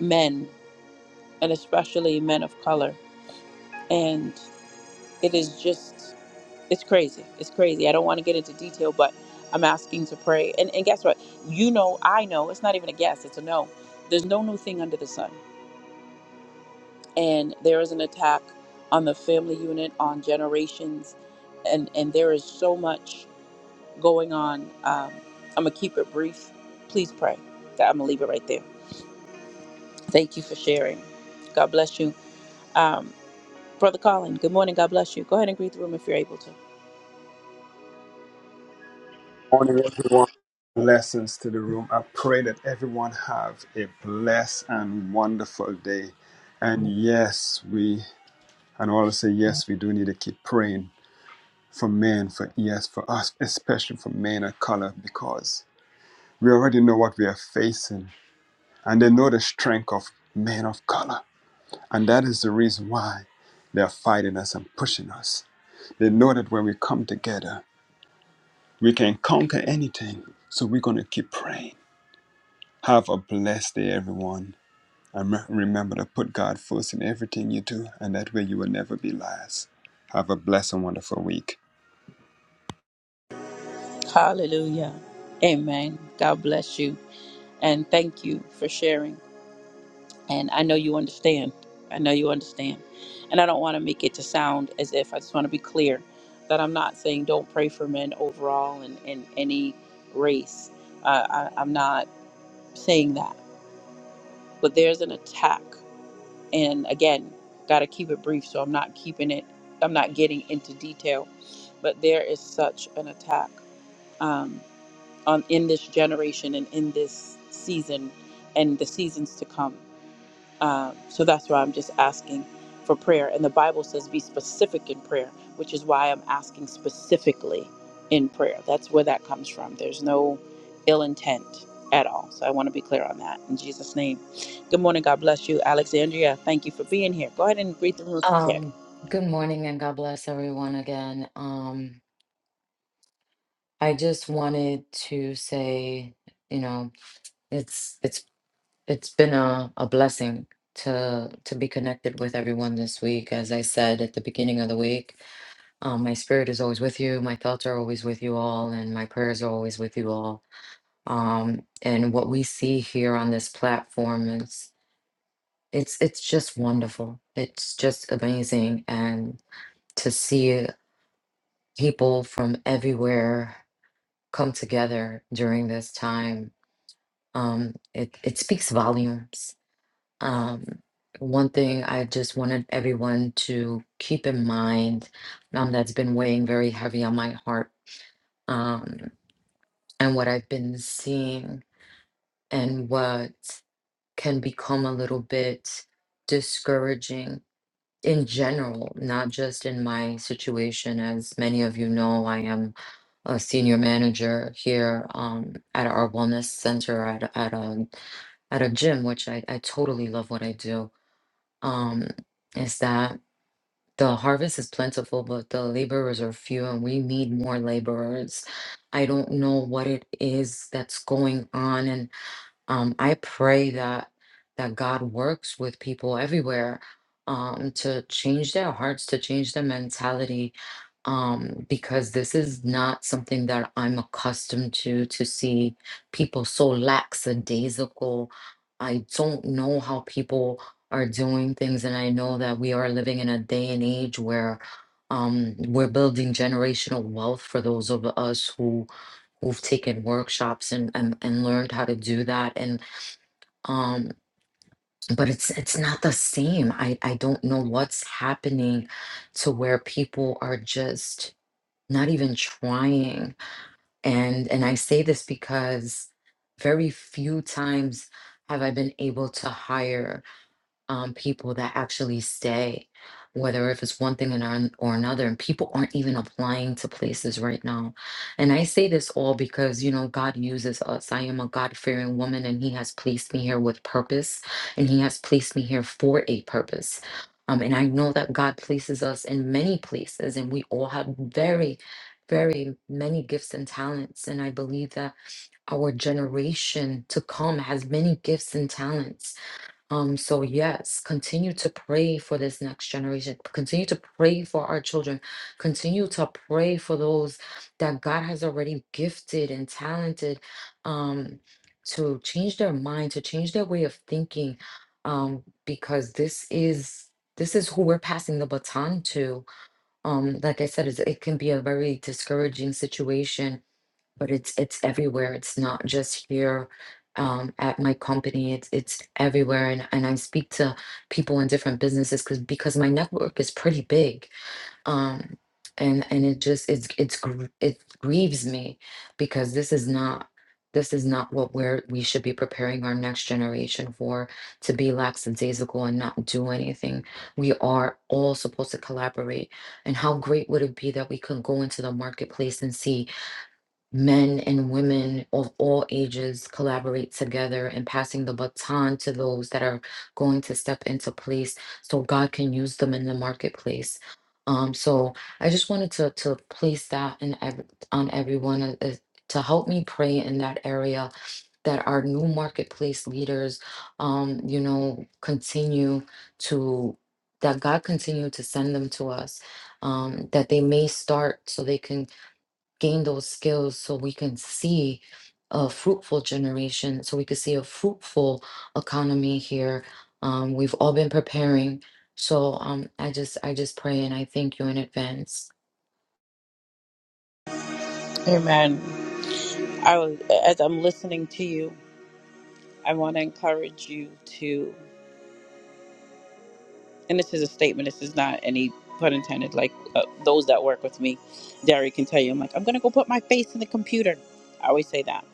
S1: men, and especially men of color. And it is just it's crazy. It's crazy. I don't want to get into detail, but I'm asking to pray. And and guess what? You know, I know. It's not even a guess. It's a no. There's no new thing under the sun. And there is an attack on the family unit, on generations, and and there is so much going on. Um, I'm gonna keep it brief. Please pray. That I'm gonna leave it right there. Thank you for sharing. God bless you, um, brother Colin. Good morning. God bless you. Go ahead and greet the room if you're able to.
S8: Morning, everyone. Blessings to the room. I pray that everyone have a blessed and wonderful day. And yes, we and all say yes, we do need to keep praying for men, for yes, for us, especially for men of color, because we already know what we are facing, and they know the strength of men of color, and that is the reason why they are fighting us and pushing us. They know that when we come together, we can conquer anything. So we're gonna keep praying. Have a blessed day, everyone. And remember to put God first in everything you do, and that way you will never be last. Have a blessed and wonderful week.
S1: Hallelujah. Amen. God bless you. and thank you for sharing. And I know you understand. I know you understand. And I don't want to make it to sound as if I just want to be clear that I'm not saying don't pray for men overall in, in any race. Uh, I, I'm not saying that. But there's an attack. And again, got to keep it brief. So I'm not keeping it, I'm not getting into detail. But there is such an attack um, on in this generation and in this season and the seasons to come Um, so that's why I'm just asking for prayer. And the Bible says be specific in prayer, which is why I'm asking specifically in prayer. That's where that comes from. There's no ill intent at all. So I want to be clear on that in Jesus' name. Good morning. God bless you, Alexandria. Thank you for being here. Go ahead and greet the room if you
S2: Um,
S1: can.
S2: good morning and God bless everyone again. Um, I just wanted to say, you know, it's it's. it's been a, a blessing to to be connected with everyone this week as i said at the beginning of the week um, my spirit is always with you my thoughts are always with you all and my prayers are always with you all um, and what we see here on this platform is it's it's just wonderful it's just amazing and to see people from everywhere come together during this time um, it, it speaks volumes Um, one thing I just wanted everyone to keep in mind um, that's been weighing very heavy on my heart um, and what I've been seeing and what can become a little bit discouraging in general, not just in my situation. As many of you know, I am a senior manager here um, at our wellness center at, at a at a gym, which I, I totally love what I do um, is that the harvest is plentiful, but the laborers are few, and we need more laborers. I don't know what it is that's going on, and um, I pray that that God works with people everywhere um, to change their hearts, to change their mentality, um, because this is not something that I'm accustomed to to see people so lackadaisical. I don't know how people are doing things, and I know that we are living in a day and age where um, we're building generational wealth for those of us who who've taken workshops and, and and learned how to do that and um but it's it's not the same i i don't know what's happening to where people are just not even trying and and i say this because very few times have i been able to hire um, people that actually stay, whether if it's one thing and an- or another, and people aren't even applying to places right now. And I say this all because, you know, God uses us. I am a God fearing woman, and He has placed me here with purpose, and He has placed me here for a purpose. Um, and I know that God places us in many places, and we all have very, very many gifts and talents. And I believe that our generation to come has many gifts and talents um, so yes, continue to pray for this next generation. Continue to pray for our children. Continue to pray for those that God has already gifted and talented um to change their mind, to change their way of thinking. Um, because this is this is who we're passing the baton to. Um, like I said, it's, it can be a very discouraging situation but it's it's everywhere. It's not just here um, at my company. It's it's everywhere, and and I speak to people in different businesses because because my network is pretty big, um, and and it just it's it's gr- it grieves me because this is not. This is not what we're, we should be preparing our next generation for to be lackadaisical and not do anything. We are all supposed to collaborate. And how great would it be that we could go into the marketplace and see men and women of all ages collaborate together and passing the baton to those that are going to step into place so God can use them in the marketplace. Um, so I just wanted to to place that in ev- on everyone uh, uh, to help me pray in that area that our new marketplace leaders, um, you know, continue to that God continue to send them to us, um, that they may start so they can gain those skills so we can see a fruitful generation, so we can see a fruitful economy here. Um, we've all been preparing. So um, I just I just pray and I thank you in advance.
S1: Amen. I was, as I'm listening to you, I want to encourage you to. and this is a statement. This is not any pun intended. Like uh, those that work with me, Derry can tell you, I'm like, I'm gonna go put my face in the computer. I always say that,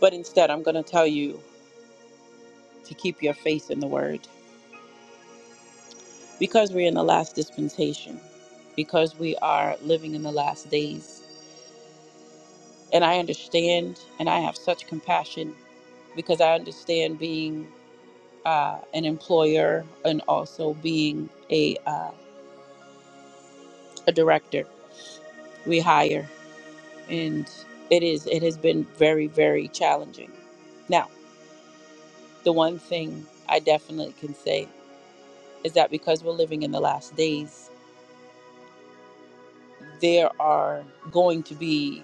S1: but instead, I'm gonna tell you to keep your faith in the Word because we're in the last dispensation, because we are living in the last days, and I understand, and I have such compassion because I understand being uh, an employer and also being a uh, a director. We hire. and it is it has been very very challenging now the one thing i definitely can say is that because we're living in the last days there are going to be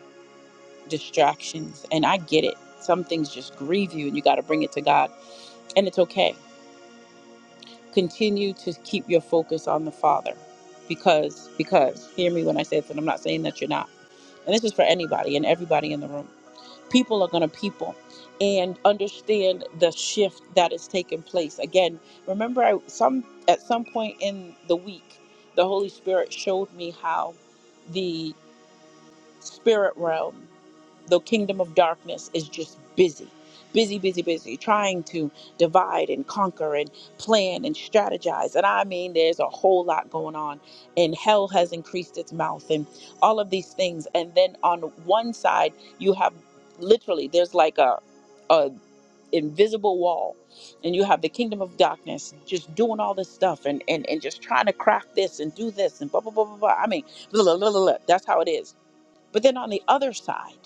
S1: distractions and i get it some things just grieve you and you got to bring it to god and it's okay continue to keep your focus on the father because because hear me when i say this and i'm not saying that you're not and this is for anybody and everybody in the room people are going to people and understand the shift that is taking place again remember i some at some point in the week the holy spirit showed me how the spirit realm the kingdom of darkness is just busy busy busy busy trying to divide and conquer and plan and strategize and i mean there's a whole lot going on and hell has increased its mouth and all of these things and then on one side you have literally there's like a a invisible wall and you have the kingdom of darkness just doing all this stuff and and, and just trying to crack this and do this and blah blah blah blah blah i mean blah, blah, blah, blah, blah. that's how it is but then on the other side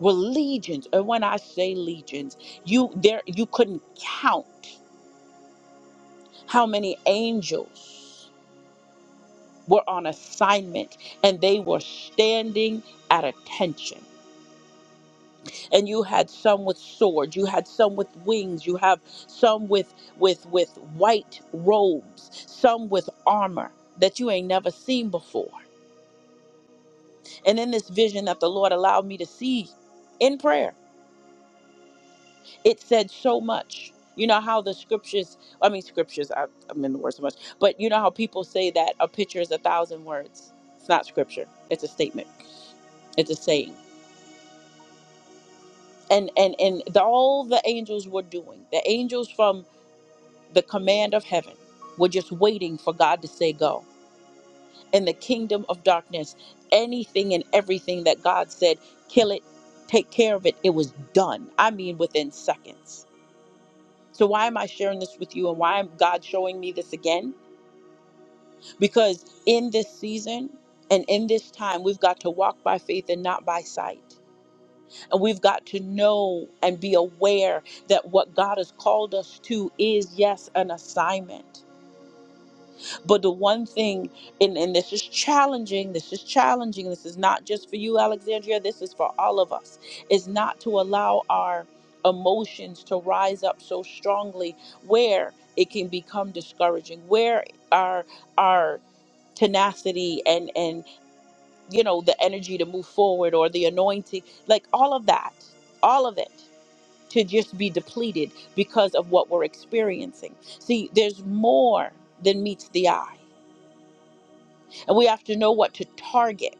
S1: were legions and when i say legions you there you couldn't count how many angels were on assignment and they were standing at attention and you had some with swords you had some with wings you have some with with with white robes some with armor that you ain't never seen before and in this vision that the lord allowed me to see in prayer it said so much. You know how the scriptures, I mean, scriptures, I, I'm in the word so much, but you know how people say that a picture is a thousand words. It's not scripture, it's a statement, it's a saying. And, and, and the, all the angels were doing, the angels from the command of heaven were just waiting for God to say go. In the kingdom of darkness, anything and everything that God said, kill it, take care of it, it was done. I mean, within seconds So why am I sharing this with you and why am God showing me this again? Because in this season and in this time, we've got to walk by faith and not by sight. And we've got to know and be aware that what God has called us to is, yes, an assignment. But the one thing, and, and this is challenging, this is challenging, this is not just for you, Alexandria, this is for all of us, is not to allow our emotions to rise up so strongly where it can become discouraging, where our our tenacity and and you know the energy to move forward or the anointing, like all of that, all of it to just be depleted because of what we're experiencing. See, there's more than meets the eye and we have to know what to target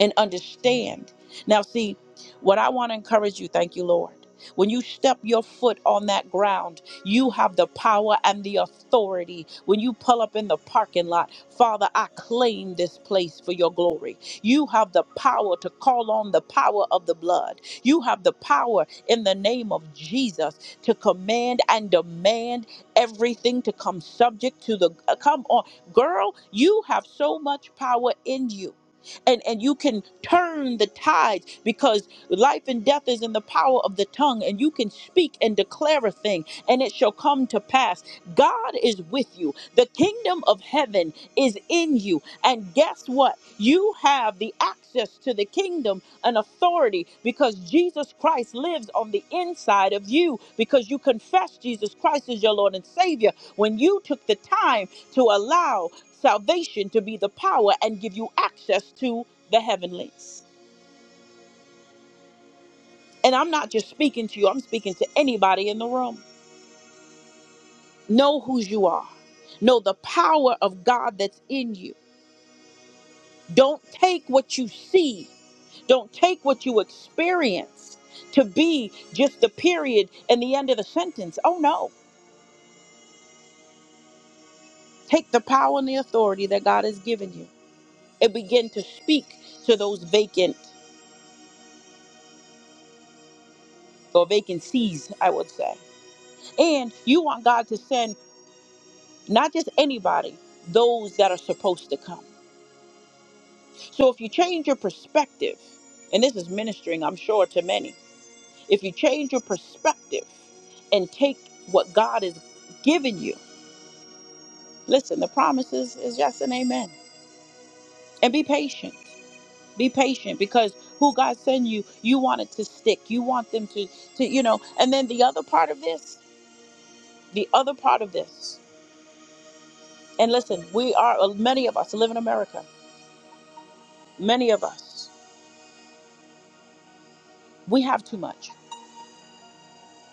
S1: and understand. Now, see, what I want to encourage you, thank you, Lord. When you step your foot on that ground, you have the power and the authority. When you pull up in the parking lot, Father, I claim this place for your glory. You have the power to call on the power of the blood. You have the power in the name of Jesus to command and demand everything to come subject to the. uh, Come on, girl, you have so much power in you and and you can turn the tides because life and death is in the power of the tongue and you can speak and declare a thing and it shall come to pass god is with you the kingdom of heaven is in you and guess what you have the access to the kingdom and authority because jesus christ lives on the inside of you because you confess jesus christ as your lord and savior when you took the time to allow salvation to be the power and give you access to the heavenlies. And I'm not just speaking to you, I'm speaking to anybody in the room. Know whose you are, know the power of God that's in you. Don't take what you see, don't take what you experience to be just the period and the end of the sentence. Oh no, take the power and the authority that God has given you and begin to speak to those vacant or vacancies, I would say And you want God to send not just anybody, those that are supposed to come. So if you change your perspective, and this is ministering, I'm sure, to many, if you change your perspective and take what God has given you, listen, the promises is yes and amen. And be patient. Be patient because who God send you, you want it to stick. You want them to, to, you know. And then the other part of this, the other part of this, and listen, we are many of us live in America. many of us we have too much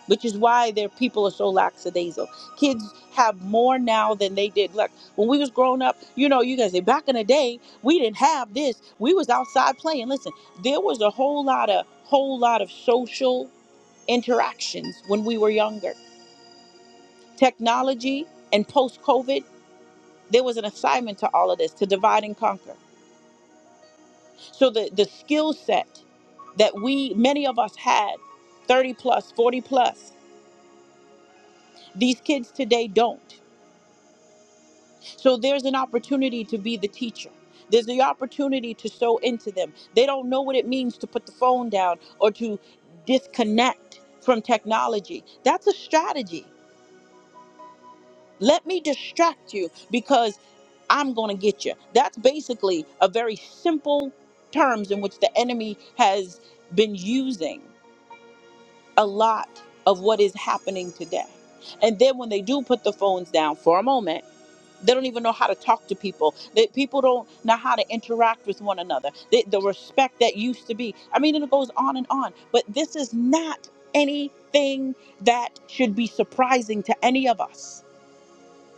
S1: which is why their people are so lackadaisical kids have more now than they did like when we was growing up you know you guys say back in the day we didn't have this we was outside playing listen there was a whole lot of whole lot of social interactions when we were younger technology and post covid there was an assignment to all of this to divide and conquer so the the skill set that we many of us had 30 plus 40 plus These kids today don't. So there's an opportunity to be the teacher. There's the opportunity to sow into them. They don't know what it means to put the phone down or to disconnect from technology. That's a strategy. Let me distract you because I'm going to get you. That's basically a very simple terms in which the enemy has been using a lot of what is happening today. And then when they do put the phones down for a moment, They don't even know how to talk to people. They, people don't know how to interact with one another. The, the respect that used to be. I mean, and it goes on and on. But this is not anything that should be surprising to any of us,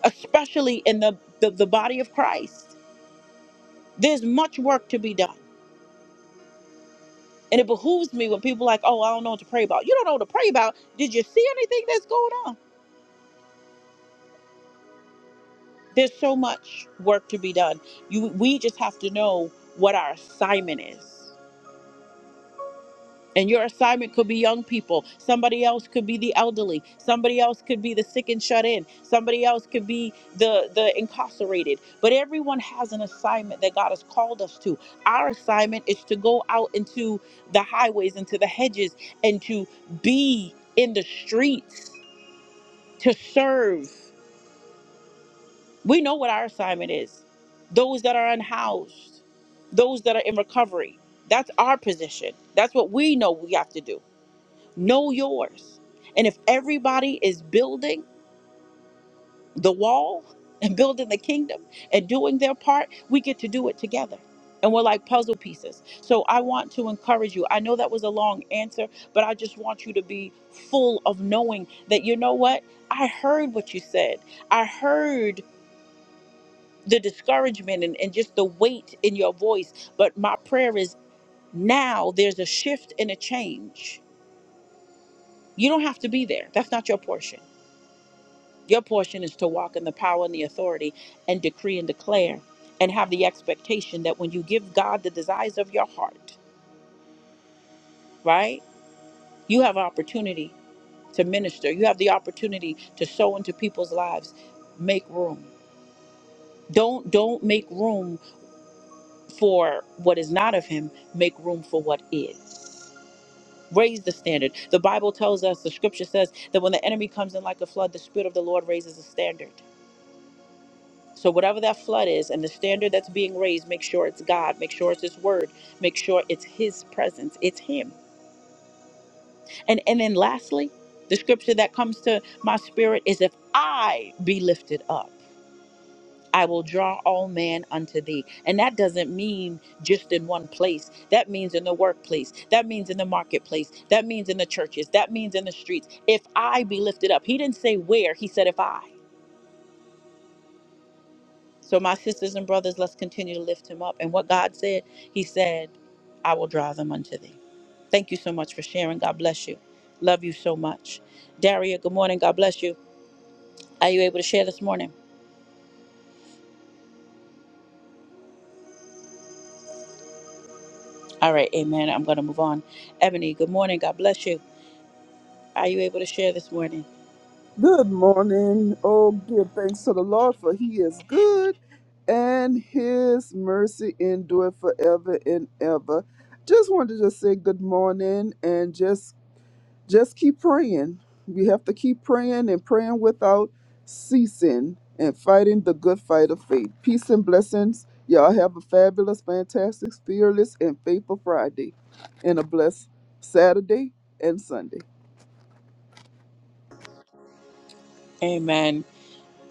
S1: especially in the, the, the body of Christ. There's much work to be done. And it behooves me when people are like, oh, I don't know what to pray about. You don't know what to pray about. Did you see anything that's going on? There's so much work to be done. You, we just have to know what our assignment is And your assignment could be young people. Somebody else could be the elderly. Somebody else could be the sick and shut in. Somebody else could be the, the incarcerated. But everyone has an assignment that God has called us to. Our assignment is to go out into the highways, into the hedges, and to be in the streets, to serve. We know what our assignment is those that are unhoused, those that are in recovery. That's our position. That's what we know we have to do. Know yours. And if everybody is building the wall and building the kingdom and doing their part, we get to do it together. And we're like puzzle pieces. So I want to encourage you. I know that was a long answer, but I just want you to be full of knowing that you know what? I heard what you said. I heard the discouragement and, and just the weight in your voice. But my prayer is now there's a shift and a change. You don't have to be there. That's not your portion. Your portion is to walk in the power and the authority and decree and declare and have the expectation that when you give God the desires of your heart, right? You have an opportunity to minister. You have the opportunity to sow into people's lives. Make room. Don't don't make room for what is not of him. Make room for what is. Raise the standard. The Bible tells us, the scripture says that when the enemy comes in like a flood, the spirit of the Lord raises a standard. So whatever that flood is and the standard that's being raised, make sure it's God, make sure it's his word, make sure it's his presence, it's him. And and then lastly, the scripture that comes to my spirit is if I be lifted up, I will draw all men unto thee. And that doesn't mean just in one place. That means in the workplace. That means in the marketplace. That means in the churches. That means in the streets. If I be lifted up. He didn't say where, he said if I. So, my sisters and brothers, let's continue to lift him up. And what God said, He said, I will draw them unto thee. Thank you so much for sharing. God bless you. Love you so much. Daria, good morning. God bless you. Are you able to share this morning? All right, amen. I'm going to move on. Ebony, good morning. God bless you. Are you able to share this morning?
S4: Good morning. Oh, give thanks to the Lord, for he is good and his mercy endureth forever and ever. Just wanted to just say good morning and just just keep praying. We have to keep praying and praying without ceasing and fighting the good fight of faith. Peace and blessings. Y'all have a fabulous, fantastic, fearless, and faithful Friday and a blessed Saturday and Sunday.
S1: Amen.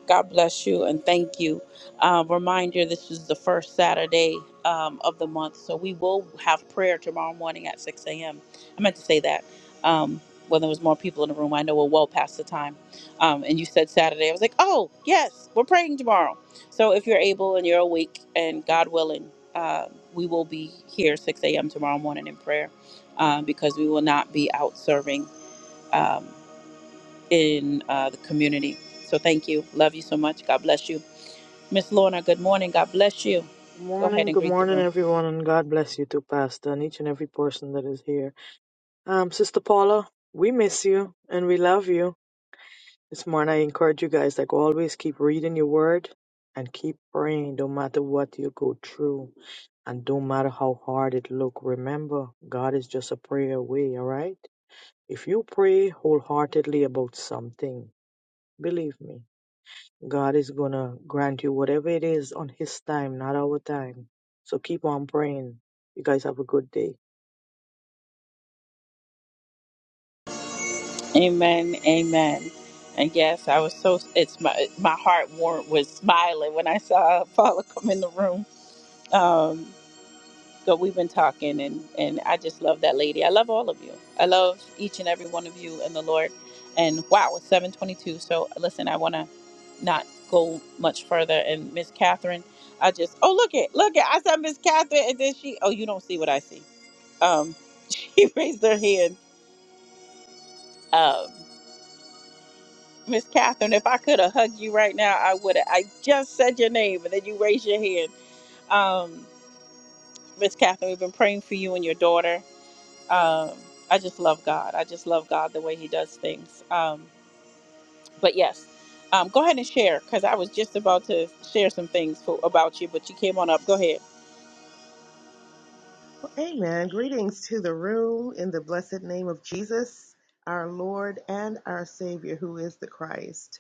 S1: God bless you and thank you. Uh, reminder this is the first Saturday um, of the month, so we will have prayer tomorrow morning at 6 a.m. I meant to say that. Um, when there was more people in the room, I know we're well past the time. Um, and you said Saturday. I was like, oh, yes, we're praying tomorrow. So if you're able and you're awake and God willing, uh, we will be here 6 a.m. tomorrow morning in prayer um, because we will not be out serving um, in uh, the community. So thank you. Love you so much. God bless you Miss Lorna, good morning. God bless you.
S5: Good
S1: Go ahead
S5: morning,
S1: and
S5: good
S1: greet the
S5: morning,
S1: room.
S5: everyone, and God bless you too, Pastor, and each and every person that is here. Um, Sister Paula, we miss you and we love you. This morning, I encourage you guys, like always, keep reading your word and keep praying, no matter what you go through, and no matter how hard it look. Remember, God is just a prayer away. All right, if you pray wholeheartedly about something, believe me. God is going to grant you whatever it is on His time, not our time. So keep on praying. You guys have a good day.
S1: Amen. Amen. And yes, I was so it's my my heart war was smiling when I saw Paula come in the room. Um, but we've been talking and and I just love that lady. I love all of you. I love each and every one of you in the Lord. And wow, it's 722. So listen, I want to not go much further. And Miss Catherine, I just, oh, look it, look it. I said Miss Catherine and then she, oh, you don't see what I see. Um, She raised her hand. Um, Miss Catherine, if I could have hugged you right now, I would have. I just said your name and then you raised your hand. Um, Miss Catherine, we've been praying for you and your daughter. Um, I just love God. I just love God the way He does things. Um, but yes, um, go ahead and share because I was just about to share some things for, about you, but you came on up. Go ahead.
S9: Well, amen. Greetings to the room in the blessed name of Jesus, our Lord and our Savior, who is the Christ.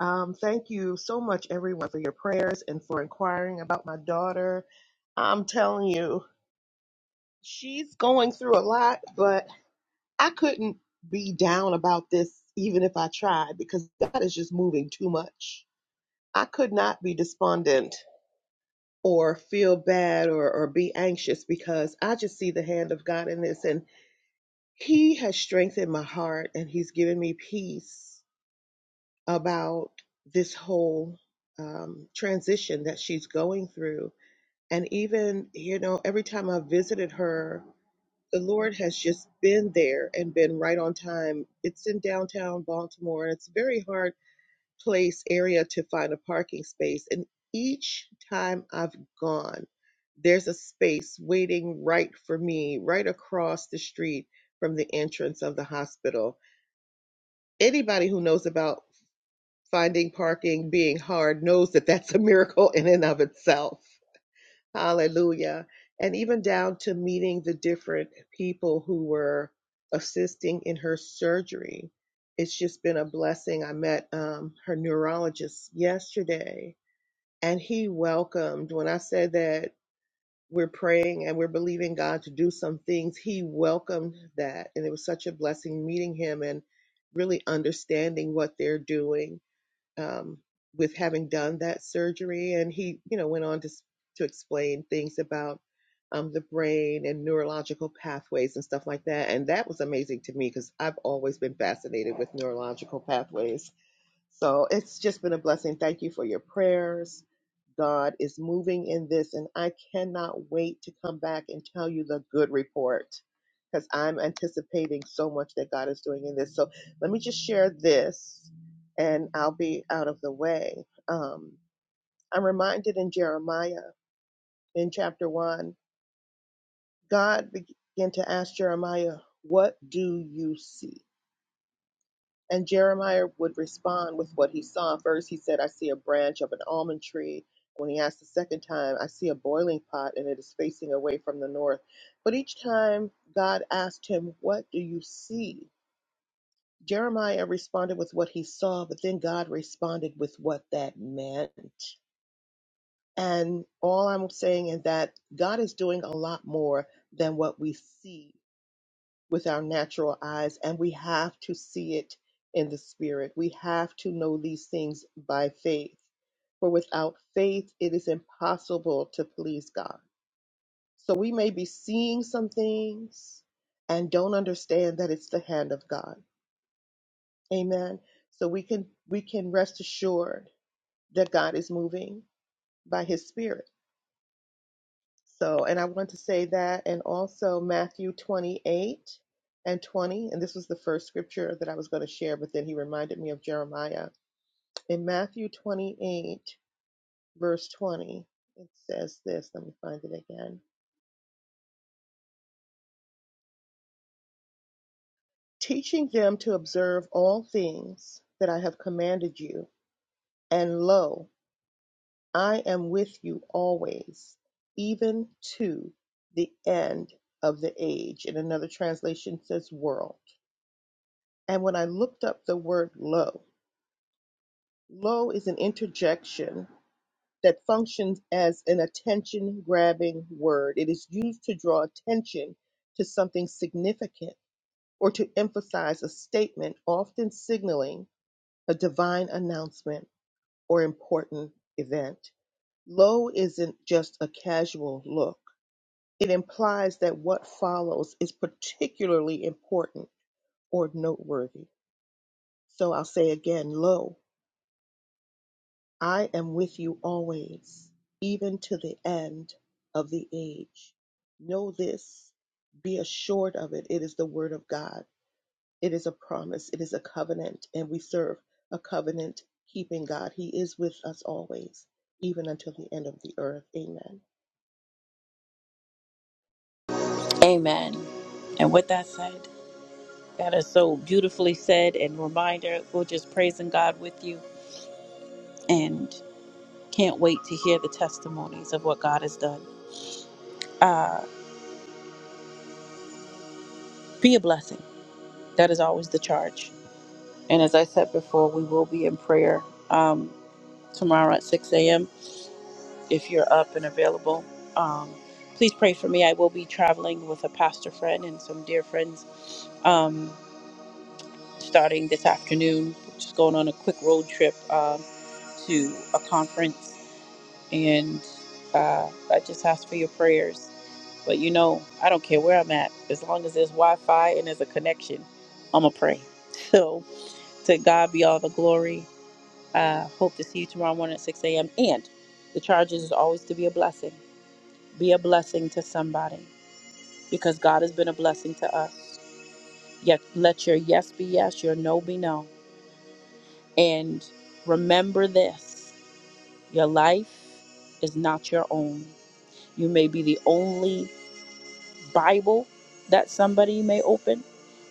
S9: Um, thank you so much, everyone, for your prayers and for inquiring about my daughter. I'm telling you, she's going through a lot, but I couldn't be down about this even if I tried because God is just moving too much. I could not be despondent or feel bad or, or be anxious because I just see the hand of God in this. And He has strengthened my heart and he's given me peace about this whole um, transition that she's going through. And even, you know, every time I visited her, the Lord has just been there and been right on time. It's in downtown Baltimore and it's very hard place area to find a parking space. And each time I've gone, there's a space waiting right for me, right across the street from the entrance of the hospital. Anybody who knows about finding parking being hard knows that that's a miracle in and of itself. Hallelujah. And even down to meeting the different people who were assisting in her surgery. It's just been a blessing. I met um, her neurologist yesterday, and he welcomed, when I said that we're praying and we're believing God to do some things, he welcomed that. And it was such a blessing meeting him and really understanding what they're doing um, with having done that surgery. And he, you know, went on to to explain things about um, the brain and neurological pathways and stuff like that. And that was amazing to me because I've always been fascinated with neurological pathways. So it's just been a blessing. Thank you for your prayers. God is moving in this, and I cannot wait to come back and tell you the good report because I'm anticipating so much that God is doing in this. So let me just share this, and I'll be out of the way. Um, I'm reminded in Jeremiah in chapter one, God began to ask Jeremiah, What do you see? And Jeremiah would respond with what he saw. First, he said, I see a branch of an almond tree. When he asked the second time, I see a boiling pot and it is facing away from the north. But each time God asked him, What do you see? Jeremiah responded with what he saw, but then God responded with what that meant. And all I'm saying is that God is doing a lot more than what we see with our natural eyes, and we have to see it in the spirit. We have to know these things by faith. For without faith, it is impossible to please God. So we may be seeing some things and don't understand that it's the hand of God. Amen. So we can we can rest assured that God is moving by his spirit So, and I want to say that, and also Matthew 28 and 20. And this was the first scripture that I was going to share, but then he reminded me of Jeremiah. In Matthew 28, verse 20, it says this. Let me find it again. Teaching them to observe all things that I have commanded you. And lo, I am with you always, even to the end of the age. And another translation says world. And when I looked up the word low, low is an interjection that functions as an attention grabbing word. It is used to draw attention to something significant or to emphasize a statement, often signaling a divine announcement or important event. Low isn't just a casual look, it implies that what follows is particularly important or noteworthy. So I'll say again, low I am with you always, even to the end of the age. Know this, be assured of it. It is the word of God, it is a promise, it is a covenant, and we serve a covenant keeping God. He is with us always, even until the end of the earth. Amen.
S1: Amen. And with that said, that is so beautifully said and reminder. We're just praising God with you and can't wait to hear the testimonies of what God has done. Uh, be a blessing. That is always the charge. And as I said before, we will be in prayer um, tomorrow at 6 a.m. if you're up and available. Um, please pray for me. I will be traveling with a pastor friend and some dear friends um, starting this afternoon. Just going on a quick road trip um, to a conference, and uh, I just ask for your prayers. But you know, I don't care where I'm at, as long as there's Wi-Fi and there's a connection, I'ma pray. So to God be all the glory. Uh, hope to see you tomorrow morning at 6 a.m. And the charges is always to be a blessing. Be a blessing to somebody because God has been a blessing to us. Yet let your yes be yes, your no be no. And remember this your life is not your own. You may be the only Bible that somebody may open,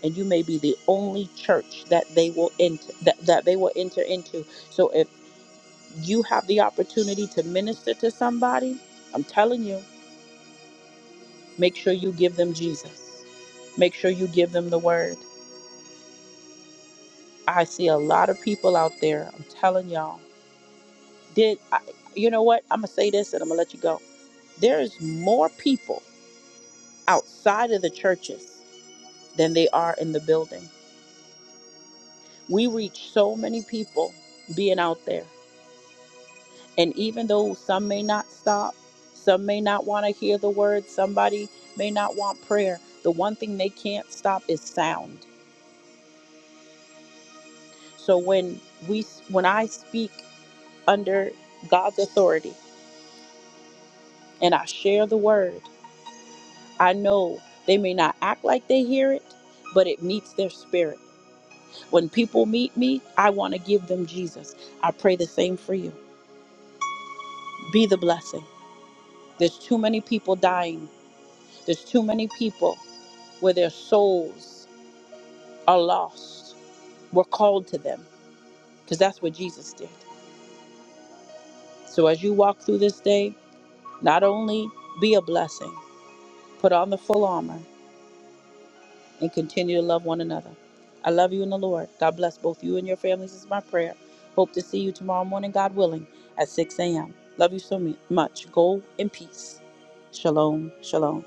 S1: and you may be the only church that they will enter that, that they will enter into. So if you have the opportunity to minister to somebody, I'm telling you, make sure you give them Jesus. Make sure you give them the word. I see a lot of people out there. I'm telling y'all. Did I, you know what? I'm gonna say this and I'm gonna let you go. There's more people outside of the churches than they are in the building. We reach so many people being out there. And even though some may not stop, some may not want to hear the word, somebody may not want prayer, the one thing they can't stop is sound. So when we when I speak under God's authority and I share the word, I know they may not act like they hear it, but it meets their spirit. When people meet me, I want to give them Jesus. I pray the same for you. Be the blessing. There's too many people dying, there's too many people where their souls are lost. We're called to them because that's what Jesus did. So as you walk through this day, not only be a blessing, put on the full armor and continue to love one another. I love you in the Lord. God bless both you and your families is my prayer. Hope to see you tomorrow morning, God willing, at 6 a.m. Love you so much. Go in peace. Shalom, shalom.